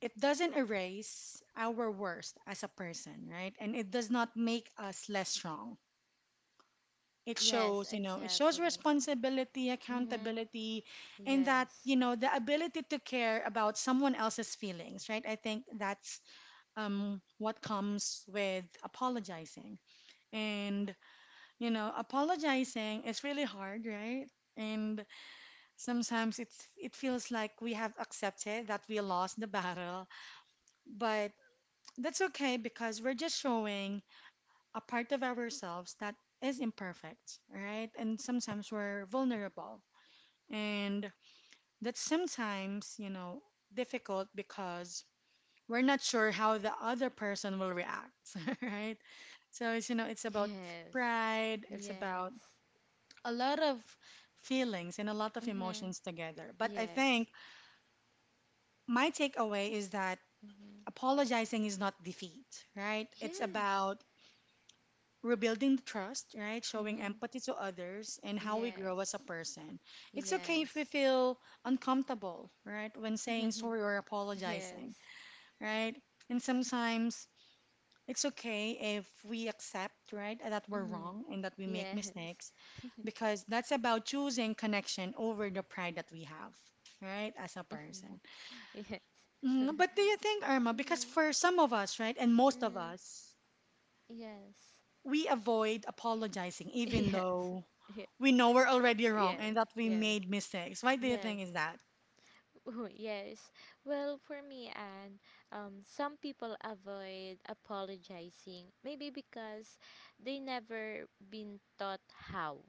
Speaker 1: it doesn't erase our worst as a person, right? And it does not make us less strong. It
Speaker 2: Yes,
Speaker 1: shows, you know, it shows
Speaker 2: exactly.
Speaker 1: responsibility,
Speaker 2: Mhm.
Speaker 1: accountability, and that,
Speaker 2: Yes.
Speaker 1: you know, the ability to care about someone else's feelings, right? I think that's what comes with apologizing. And, you know, apologizing is really hard, right? And sometimes it feels like we have accepted that we lost the battle, but that's okay because we're just showing a part of ourselves that is imperfect, right? And sometimes we're vulnerable. And that's sometimes, you know, difficult because we're not sure how the other person will react, right? So it's, you know, it's about
Speaker 2: Yes.
Speaker 1: pride, it's
Speaker 2: Yes.
Speaker 1: about a lot of feelings and a lot of
Speaker 2: Mhm.
Speaker 1: emotions together. But I
Speaker 2: Yes.
Speaker 1: think my takeaway is that
Speaker 2: Mhm.
Speaker 1: apologizing is not defeat, right? It's
Speaker 2: Yes.
Speaker 1: about rebuilding the trust, right? Showing
Speaker 2: Mhm.
Speaker 1: empathy to others and how we grow as a
Speaker 2: Yes.
Speaker 1: person. It's okay if we
Speaker 2: Yes.
Speaker 1: feel uncomfortable, right? When saying
Speaker 2: Mhm.
Speaker 1: sorry or apologizing,
Speaker 2: Yes.
Speaker 1: right? And sometimes it's okay if we accept, right, that we're
Speaker 2: Mhm.
Speaker 1: wrong and that we make
Speaker 2: Yes.
Speaker 1: mistakes because that's about choosing connection over the pride that we have. Right, as a person.
Speaker 2: Yes.
Speaker 1: Mm, but do you think, Irma, because
Speaker 2: Mhm.
Speaker 1: for some of us, right, and most of
Speaker 2: Mhm.
Speaker 1: us,
Speaker 2: Yes.
Speaker 1: we avoid apologizing even
Speaker 2: Yes.
Speaker 1: though
Speaker 2: Yes.
Speaker 1: we know we're already wrong
Speaker 2: Yes,
Speaker 1: and that we
Speaker 2: yes,
Speaker 1: made mistakes. Why do you
Speaker 2: yes,
Speaker 1: think is that?
Speaker 2: yes. Well, for me, and some people avoid apologizing maybe because they never been taught how,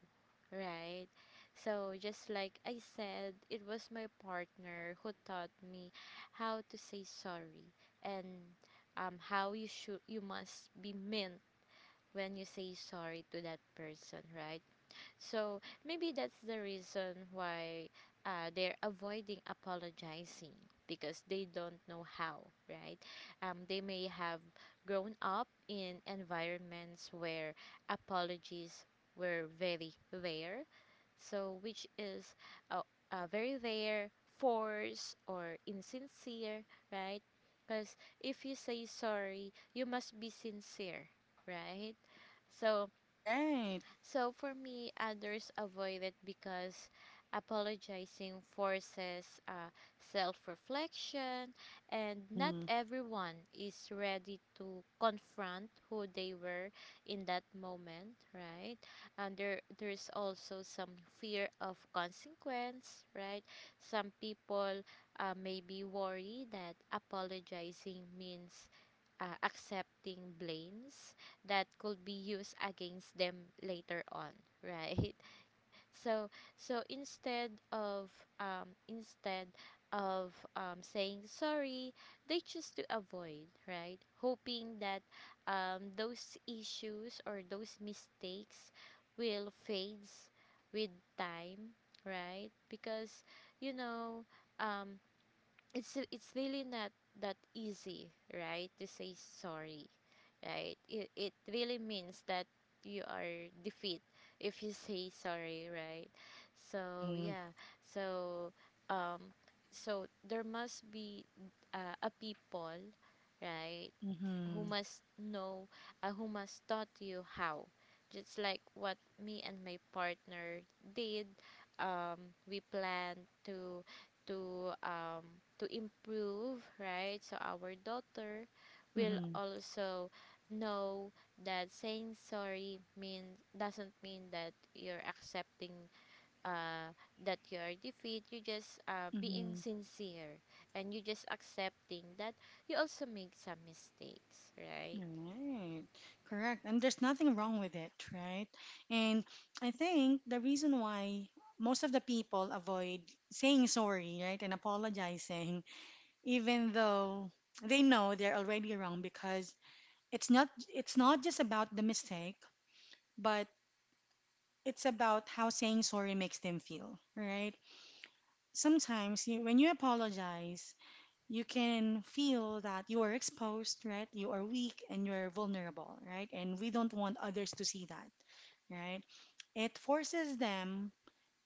Speaker 2: right? So just like I said, it was my partner who taught me how to say sorry and how you should you must be meant when you say sorry to that person, right? So maybe that's the reason why, they're avoiding apologizing, because they don't know how, right? They may have grown up in environments where apologies were very rare, so which is, uh, very rare, force or insincere, right? Because if you say sorry, you must be sincere, right? So,
Speaker 1: Right.
Speaker 2: so for me, others avoid it because apologizing forces, self reflection, and not
Speaker 1: Mm-hmm.
Speaker 2: everyone is ready to confront who they were in that moment, right? And there's also some fear of consequence, right? Some people, may be worried that apologizing means, accepting blames that could be used against them later on, right? So, so instead of instead of, saying sorry, they choose to avoid, right? Hoping that, those issues or those mistakes will fades with time, right? Because, you know, um, it's really not that easy, right? To say sorry, right? It really means that you are defeat if you say sorry, right? So
Speaker 1: Mm-hmm.
Speaker 2: yeah, so um so there must be, a people, right? Who
Speaker 1: Mm-hmm.
Speaker 2: must know, who must taught you how, just like what me and my partner did. We plan to to improve, right? So our daughter will
Speaker 1: Mm-hmm.
Speaker 2: also know that saying sorry means doesn't mean that you're accepting, uh, that you're defeat, you just, being
Speaker 1: Mm-hmm.
Speaker 2: sincere, and you just accepting that you also make some mistakes, right?
Speaker 1: Right. Correct. And there's nothing wrong with it, right? And I think the reason why most of the people avoid saying sorry, right, and apologizing, even though they know they're already wrong because it's not just about the mistake, but it's about how saying sorry makes them feel, right? Sometimes you, when you apologize, you can feel that you are exposed, right? You are weak and you're vulnerable, right? And we don't want others to see that, right? It forces them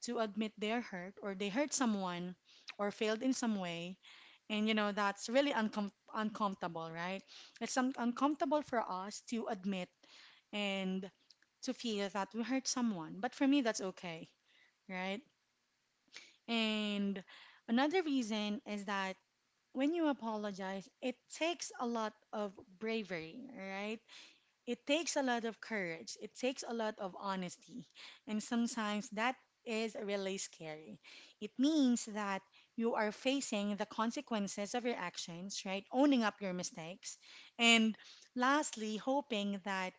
Speaker 1: to admit they're hurt or they hurt someone or failed in some way. And you know, that's really uncomfortable, right? It's uncomfortable for us to admit and to feel that we hurt someone. But for me, that's okay, right? And another reason is that when you apologize, it takes a lot of bravery, right? It takes a lot of courage. It takes a lot of honesty. And sometimes that is really scary. It means that you are facing the consequences of your actions, right? Owning up your mistakes. And lastly, hoping that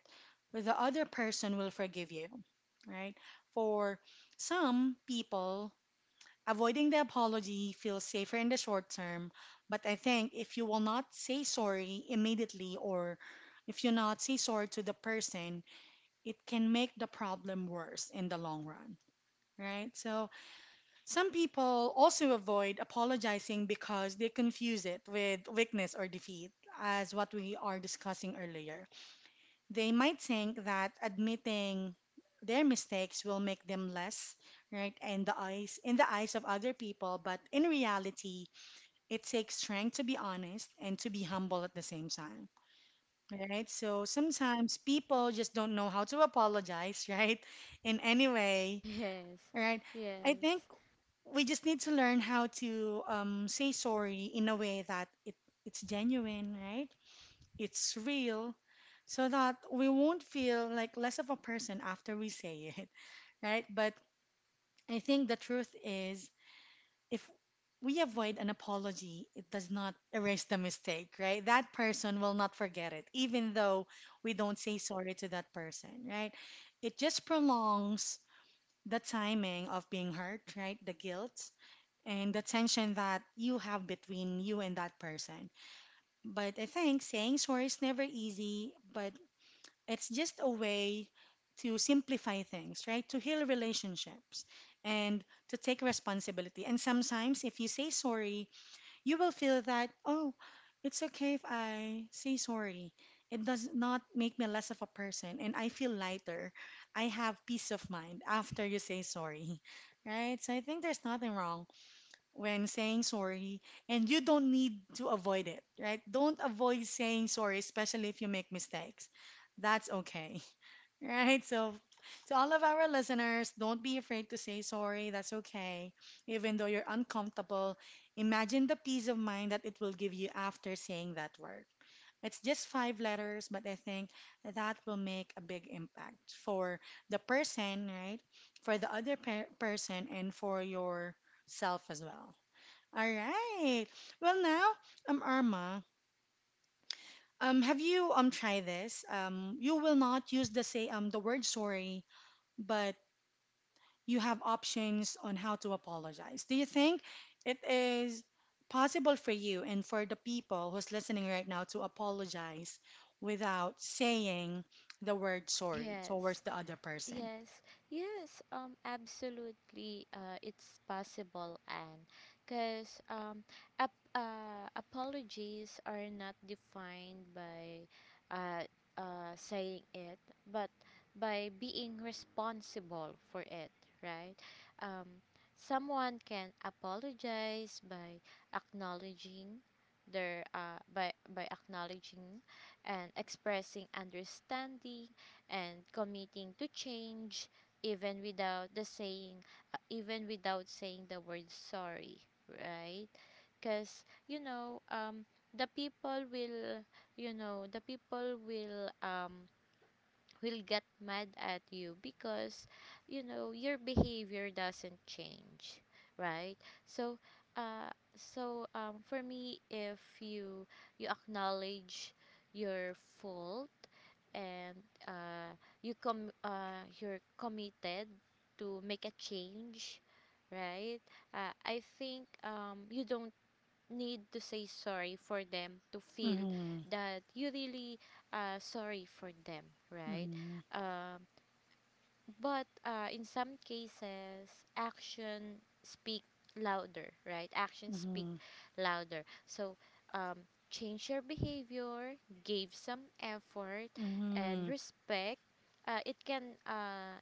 Speaker 1: the other person will forgive you, right? For some people, avoiding the apology feels safer in the short term, but I think if you will not say sorry immediately or if you not say sorry to the person, it can make the problem worse in the long run, right? So some people also avoid apologizing because they confuse it with weakness or defeat, as what we are discussing earlier. They might think that admitting their mistakes will make them less right in the eyes of other people, but in reality, it takes strength to be honest and to be humble at the same time. Right? So sometimes people just don't know how to apologize, right? In any way,
Speaker 2: Yes,
Speaker 1: right? I
Speaker 2: yes,
Speaker 1: think we just need to learn how to say sorry in a way that it's genuine, right? It's real, so that we won't feel like less of a person after we say it, right? But I think the truth is, if we avoid an apology, it does not erase the mistake, right? That person will not forget it, even though we don't say sorry to that person, right? It just prolongs the timing of being hurt, right? The guilt and the tension that you have between you and that person. But I think saying sorry is never easy, but it's just a way to simplify things, right? To heal relationships and to take responsibility. And sometimes, if you say sorry, you will feel that, oh, it's okay if I say sorry. It does not make me less of a person, and I feel lighter. I have peace of mind after you say sorry, right? So I think there's nothing wrong when saying sorry, and you don't need to avoid it, right? Don't avoid saying sorry, especially if you make mistakes. That's okay. Right. So, to all of our listeners, don't be afraid to say sorry. That's okay. Even though you're uncomfortable, imagine the peace of mind that it will give you after saying that word. It's just five letters, but I think that will make a big impact for the person, right? For the other per- person and for yourself as well. All right. Well, now, Irma, have you tried this? You will not use the say the word sorry, but you have options on how to apologize. Do you think it is possible for you and for the people who's listening right now to apologize without saying the word sorry towards
Speaker 2: yes.
Speaker 1: the other person?
Speaker 2: Yes, yes, absolutely, it's possible, and because apologies are not defined by uh, saying it, but by being responsible for it, right? Um, someone can apologize by acknowledging their by acknowledging and expressing understanding and committing to change, even without the saying, even without saying the word sorry, right? Because you know the people will you know the people will get mad at you because you know your behavior doesn't change, right? So uh for me, if you you acknowledge your fault and, uh, you're committed to make a change, right? I think you don't need to say sorry for them to feel
Speaker 1: Mm-hmm,
Speaker 2: that you really, sorry for them, right?
Speaker 1: mm-hmm,
Speaker 2: Um, but in some cases, action speak louder, right? Actions speak
Speaker 1: mm-hmm,
Speaker 2: louder. So um, change your behavior, give some effort
Speaker 1: mm-hmm,
Speaker 2: and respect. It can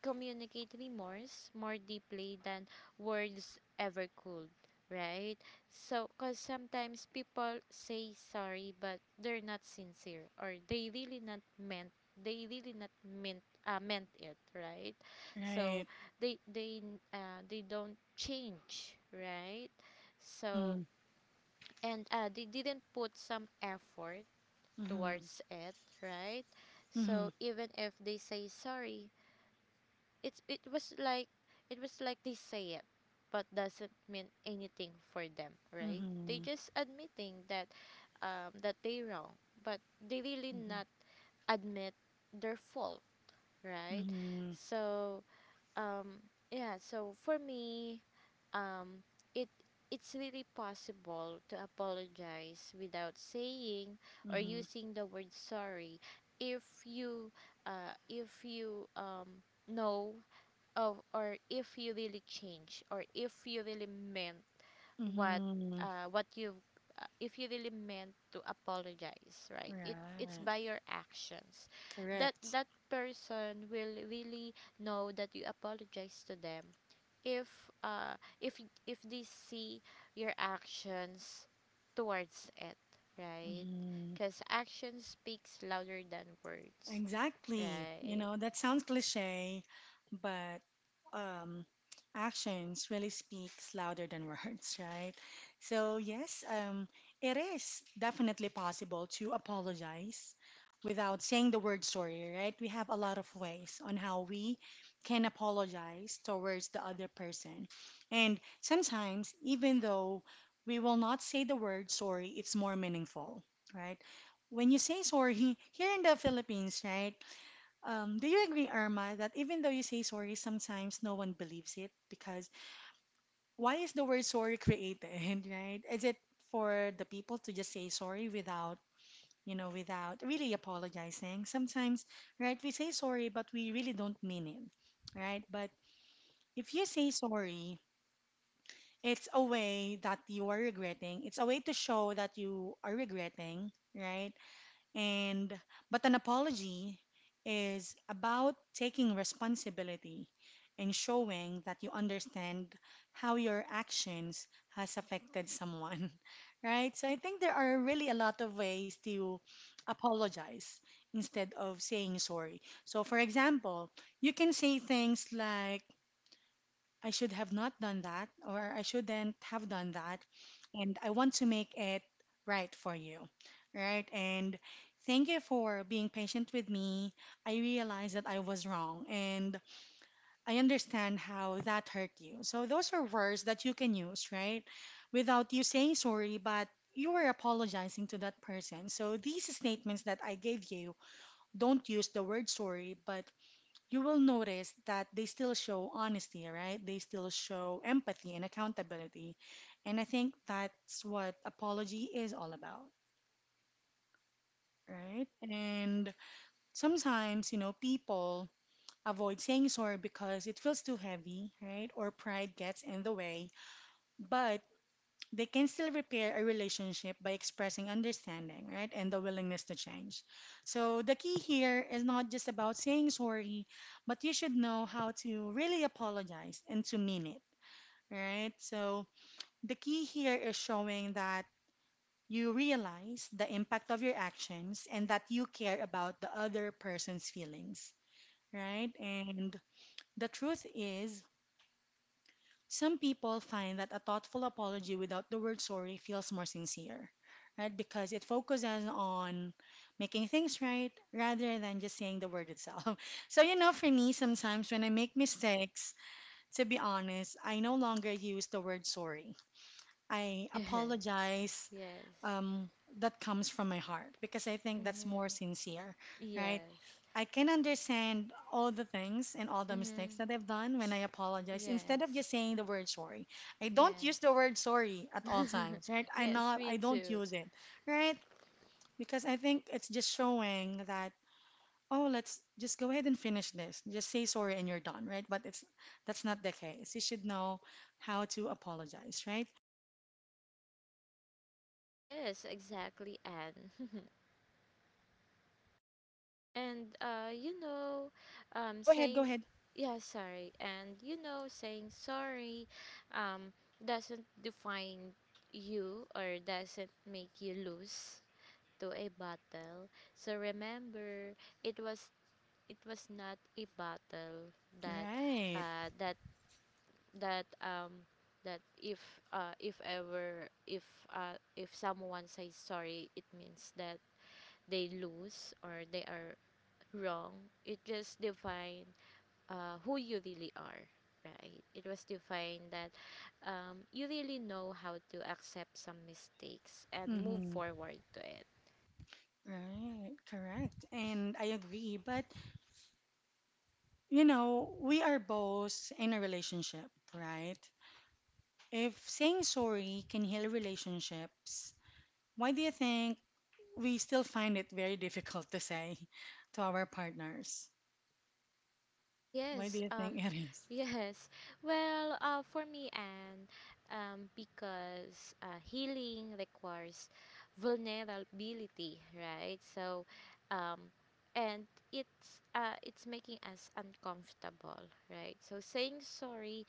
Speaker 2: communicate remorse more deeply than words ever could, right? So, because sometimes people say sorry, but they're not sincere or they really not meant, they really not meant it, right? So
Speaker 1: right.
Speaker 2: they don't change, right? So
Speaker 1: Mm-hmm,
Speaker 2: and they didn't put some effort
Speaker 1: mm-hmm,
Speaker 2: towards it, right? So even if they say sorry, it's it was like it was like they say it, but doesn't mean anything for them,
Speaker 1: mm-hmm,
Speaker 2: right? They
Speaker 1: mm-hmm,
Speaker 2: just admitting that that they wrong, but they really not admit their fault, right?
Speaker 1: mm-hmm,
Speaker 2: So Um, yeah, so for me, um, it it's really possible to apologize without saying or
Speaker 1: mm-hmm,
Speaker 2: using the word sorry if you uh, if you um, know of or if you really change or if you really meant what
Speaker 1: mm-hmm,
Speaker 2: what you've if you really meant to apologize, right? It's
Speaker 1: right.
Speaker 2: by your actions that
Speaker 1: Correct.
Speaker 2: that person will really know that you apologize to them if if they see your actions towards it, right?
Speaker 1: Mm-hmm.
Speaker 2: Because action speaks louder than words,
Speaker 1: Exactly. You
Speaker 2: right?
Speaker 1: know, that sounds cliche, but um, actions really speaks louder than words, right? So yes, it is definitely possible to apologize without saying the word sorry, right? We have a lot of ways on how we can apologize towards the other person. And sometimes, even though we will not say the word sorry, it's more meaningful, right? When you say sorry here in the Philippines, right? Do you agree, Irma, that even though you say sorry, sometimes no one believes it? Because why is the word sorry created, right? Is it for the people to just say sorry without, you know, without really apologizing? Sometimes, right, we say sorry, but we really don't mean it, right? But if you say sorry, it's a way that you are regretting. It's a way to show that you are regretting, right? And but an apology is about taking responsibility and showing that you understand how your actions has affected someone, right? So I think there are really a lot of ways to apologize instead of saying sorry. So for example, you can say things like I should have not done that, or I shouldn't have done that, and I want to make it right for you, right? And thank you for being patient with me. I realized that I was wrong, and I understand how that hurt you. So those are words that you can use, right? Without you saying sorry, but you were apologizing to that person. So these statements that I gave you, don't use the word sorry, but you will notice that they still show honesty, right? They still show empathy and accountability. And I think that's what apology is all about, right? And sometimes, you know, people avoid saying sorry because it feels too heavy, right? Or pride gets in the way. But they can still repair a relationship by expressing understanding, right, and the willingness to change. So the key here is not just about saying sorry, but you should know how to really apologize and to mean it, right? So the key here is showing that you realize the impact of your actions and that you care about the other person's feelings, right? And the truth is, some people find that a thoughtful apology without the word sorry feels more sincere, right? Because it focuses on making things right rather than just saying the word itself. So, you know, for me, sometimes when I make mistakes, to be honest, I no longer use the word sorry. I
Speaker 2: Yes,
Speaker 1: apologize.
Speaker 2: yes.
Speaker 1: Um, that comes from my heart because I think that's more
Speaker 2: Mm-hmm.
Speaker 1: sincere, right?
Speaker 2: Yes.
Speaker 1: I can understand all the things and all the mistakes
Speaker 2: Mm-hmm.
Speaker 1: that I've done when I apologize. Instead of just
Speaker 2: Yes,
Speaker 1: saying the word sorry, I don't use the word
Speaker 2: yes.
Speaker 1: sorry at all times, right? I
Speaker 2: Yes,
Speaker 1: not I
Speaker 2: me
Speaker 1: don't
Speaker 2: too.
Speaker 1: use it, right? Because I think it's just showing that oh, let's just go ahead and finish this. Just say sorry and you're done, right? But it's that's not the case. You should know how to apologize, right?
Speaker 2: Yes, exactly, Anne. and you know,
Speaker 1: Go ahead, go
Speaker 2: saying,
Speaker 1: ahead.
Speaker 2: yeah, sorry, and you know, saying sorry, um, doesn't define you or doesn't make you lose to a battle. So remember, it was it was not a battle that
Speaker 1: Right.
Speaker 2: uh, that that um that if ever if someone says sorry, it means that they lose or they are wrong. It just define who you really are, right? It was defined that you really know how to accept some mistakes and move
Speaker 1: Mm-hmm.
Speaker 2: forward to it.
Speaker 1: Right. Correct. And I agree, but you know, we are both in a relationship, right? If saying sorry can heal relationships, why do you think we still find it very difficult to say to our partners? Why do
Speaker 2: Yes,
Speaker 1: you think it is?
Speaker 2: yes. Well, for me, and because healing requires vulnerability, right? So, um, and it's making us uncomfortable, right? So saying sorry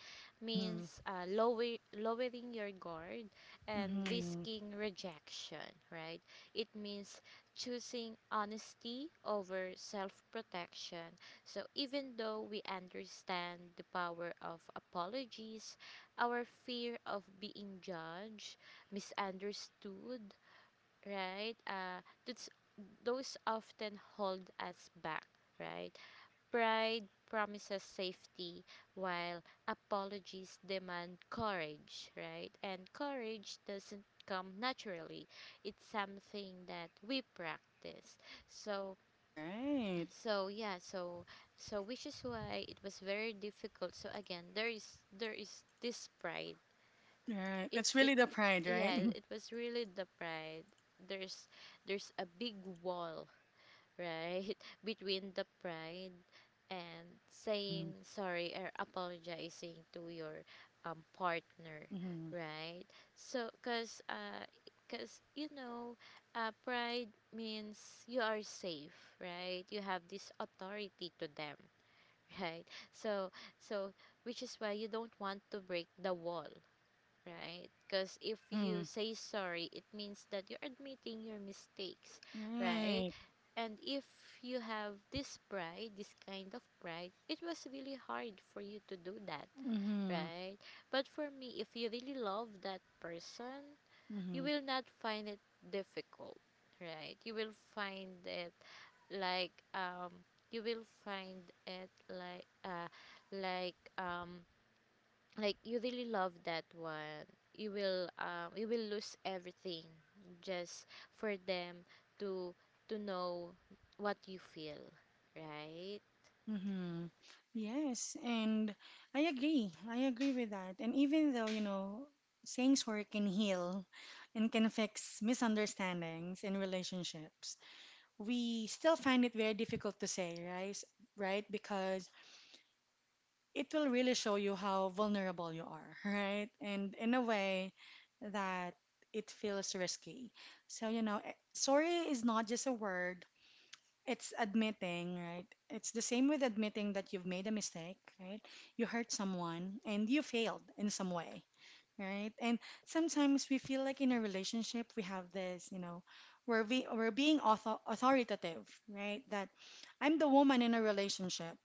Speaker 1: Mm-hmm.
Speaker 2: means lowering your guard and
Speaker 1: Mm-hmm.
Speaker 2: risking rejection, right? It means choosing honesty over self protection. So, even though we understand the power of apologies, our fear of being judged, misunderstood, right? Those often hold us back, right? Pride promises safety, while apologies demand courage, right? And courage doesn't come naturally, it's something that we practice. So,
Speaker 1: Right.
Speaker 2: so yeah, so so which is why it was very difficult. So again, there is this pride.
Speaker 1: Right.
Speaker 2: It
Speaker 1: That's
Speaker 2: it
Speaker 1: really the pride, right?
Speaker 2: yeah, it was really the pride. There's there's a big wall, right? Between the pride and
Speaker 1: Mm-hmm.
Speaker 2: saying sorry or apologizing to your partner,
Speaker 1: Mm-hmm.
Speaker 2: right? So, cause you know, pride means you are safe, right? You have this authority to them, right? So, so, which is why you don't want to break the wall, right? Because if you
Speaker 1: Mm-hmm.
Speaker 2: say sorry, it means that you're admitting your mistakes, right?
Speaker 1: Right.
Speaker 2: And if you have this pride, this kind of pride, it was really hard for you to do that,
Speaker 1: Mm-hmm.
Speaker 2: right? But for me, if you really love that person, you
Speaker 1: Mm-hmm.
Speaker 2: will not find it difficult, right? You will find it like you will find it like uh like um like you really love that one, you will lose everything just for them to to know what you feel, right?
Speaker 1: Mm-hmm. Yes, and I agree. I agree with that. And even though, you know, saying sorry can heal and can fix misunderstandings in relationships, we still find it very difficult to say, right? Right? Because it will really show you how vulnerable you are, right? And in a way that it feels risky. So, you know, eh, sorry is not just a word, it's admitting, right? It's the same with admitting that you've made a mistake, right? You hurt someone and you failed in some way, right? And sometimes we feel like in a relationship we have this, you know, we're being author, authoritative, right? That I'm the woman in a relationship.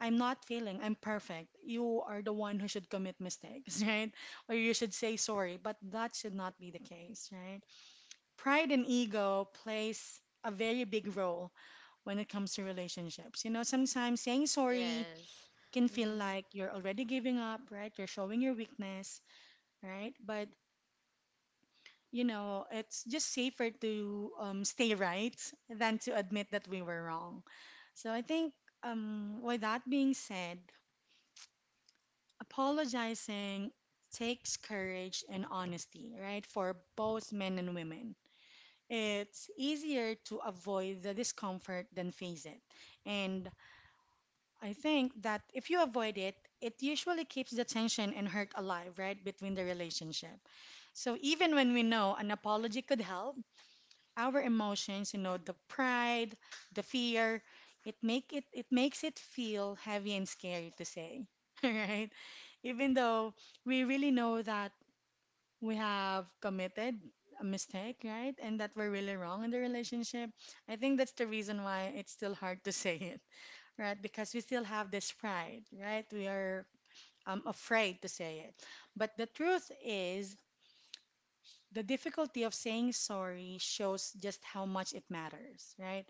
Speaker 1: I'm not failing. I'm perfect. You are the one who should commit mistakes, right? Or you should say sorry, but that should not be the case, right? Pride and ego plays a very big role when it comes to relationships. You know, sometimes saying sorry
Speaker 2: Yes.
Speaker 1: can feel
Speaker 2: Mm-hmm.
Speaker 1: like you're already giving up, right? You're showing your weakness, right? But, you know, it's just safer to stay right than to admit that we were wrong. So I think, with that being said, apologizing takes courage and honesty, right? For both men and women. It's easier to avoid the discomfort than face it. And I think that if you avoid it, it usually keeps the tension and hurt alive, right, between the relationship. So even when we know an apology could help, our emotions, you know, the pride, the fear, it makes it feel heavy and scary to say, right? Even though we really know that we have committed a mistake, right, and that we're really wrong in the relationship, I think that's the reason why it's still hard to say it, right? Because we still have this pride, right? We are afraid to say it. But the truth is, the difficulty of saying sorry shows just how much it matters, right?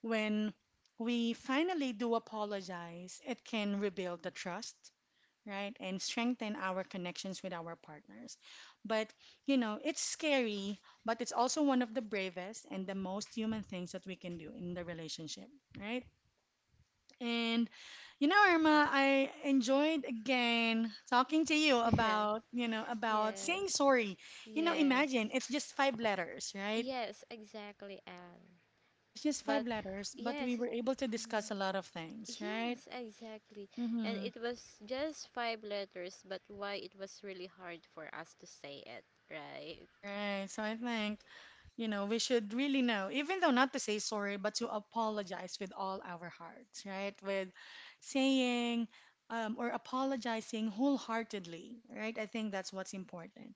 Speaker 1: When we finally do apologize, it can rebuild the trust, right? And strengthen our connections with our partners. But, you know, it's scary, but it's also one of the bravest and the most human things that we can do in the relationship, right? And you know, Irma, I enjoyed again talking to you
Speaker 2: Yes,
Speaker 1: about, you know, about saying
Speaker 2: yes,
Speaker 1: sorry. You know,
Speaker 2: yes.
Speaker 1: imagine it's just five letters, right?
Speaker 2: Yes, exactly. And
Speaker 1: It's just
Speaker 2: but
Speaker 1: five letters, but we
Speaker 2: yes,
Speaker 1: were
Speaker 2: it-
Speaker 1: able to
Speaker 2: mhm.
Speaker 1: discuss a lot of things, right?
Speaker 2: Yes, exactly. And
Speaker 1: Mm-hmm.
Speaker 2: it was just five letters, but why it was really hard for us to say it, right?
Speaker 1: Right. So I think, you know, we should really know, even though not to say sorry, but to apologize with all our hearts, right? With saying or apologizing wholeheartedly, right? I think that's what's important.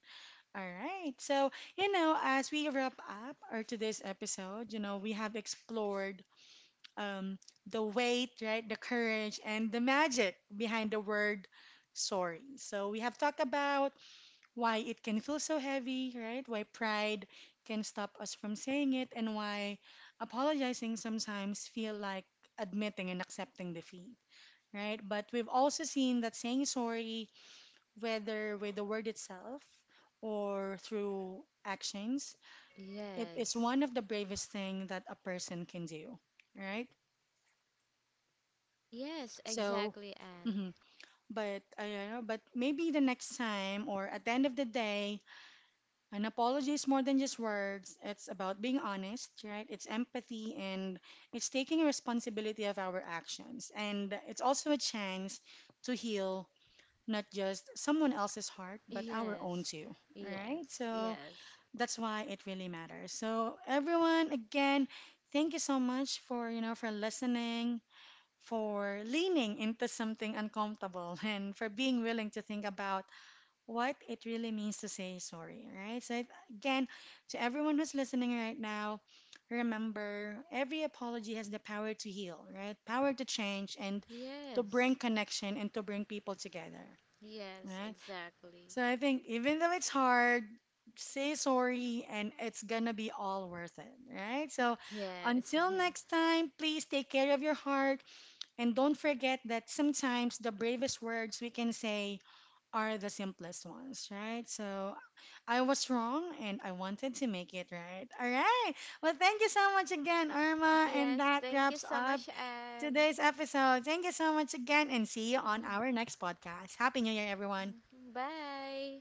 Speaker 1: All right. So, you know, as we wrap up our today's episode, you know, we have explored um, the weight, right, the courage, and the magic behind the word sorry. So, we have talked about why it can feel so heavy, right, why pride can stop us from saying it, and why apologizing sometimes feel like admitting and accepting defeat, right? But we've also seen that saying sorry, whether with the word itself or through actions, it is
Speaker 2: Yes.
Speaker 1: one of the bravest thing that a person can do, right?
Speaker 2: Yes,
Speaker 1: So,
Speaker 2: exactly, Anne.
Speaker 1: mhm. But I don't know, but maybe the next time or at the end of the day, an apology is more than just words. It's about being honest, right? It's empathy and it's taking responsibility of our actions. And it's also a chance to heal not just someone else's heart, but our own
Speaker 2: Yes,
Speaker 1: too, right?
Speaker 2: yes,
Speaker 1: So,
Speaker 2: yes,
Speaker 1: that's why it really matters. So everyone, again, thank you so much for, you know, for listening, for leaning into something uncomfortable and for being willing to think about what it really means to say sorry, right? So it- again, to everyone who's listening right now, remember every apology has the power to heal, right? Power to change and to
Speaker 2: yes,
Speaker 1: bring connection and to bring people together,
Speaker 2: yes,
Speaker 1: right?
Speaker 2: exactly.
Speaker 1: So I think even though it's hard, say sorry and it's gonna be all worth it, right? So
Speaker 2: Yes,
Speaker 1: until next time, please take care of your heart and don't forget that sometimes the bravest words we can say are the simplest ones, right? So I was wrong and I wanted to make it right. All right. Well, thank you so much again, Irma. And
Speaker 2: yes,
Speaker 1: that
Speaker 2: thank you
Speaker 1: wraps
Speaker 2: so
Speaker 1: up
Speaker 2: much, Anne.
Speaker 1: today's episode. Thank you so much again and see you on
Speaker 2: Mhm.
Speaker 1: our next podcast. Happy New Year, everyone.
Speaker 2: Bye.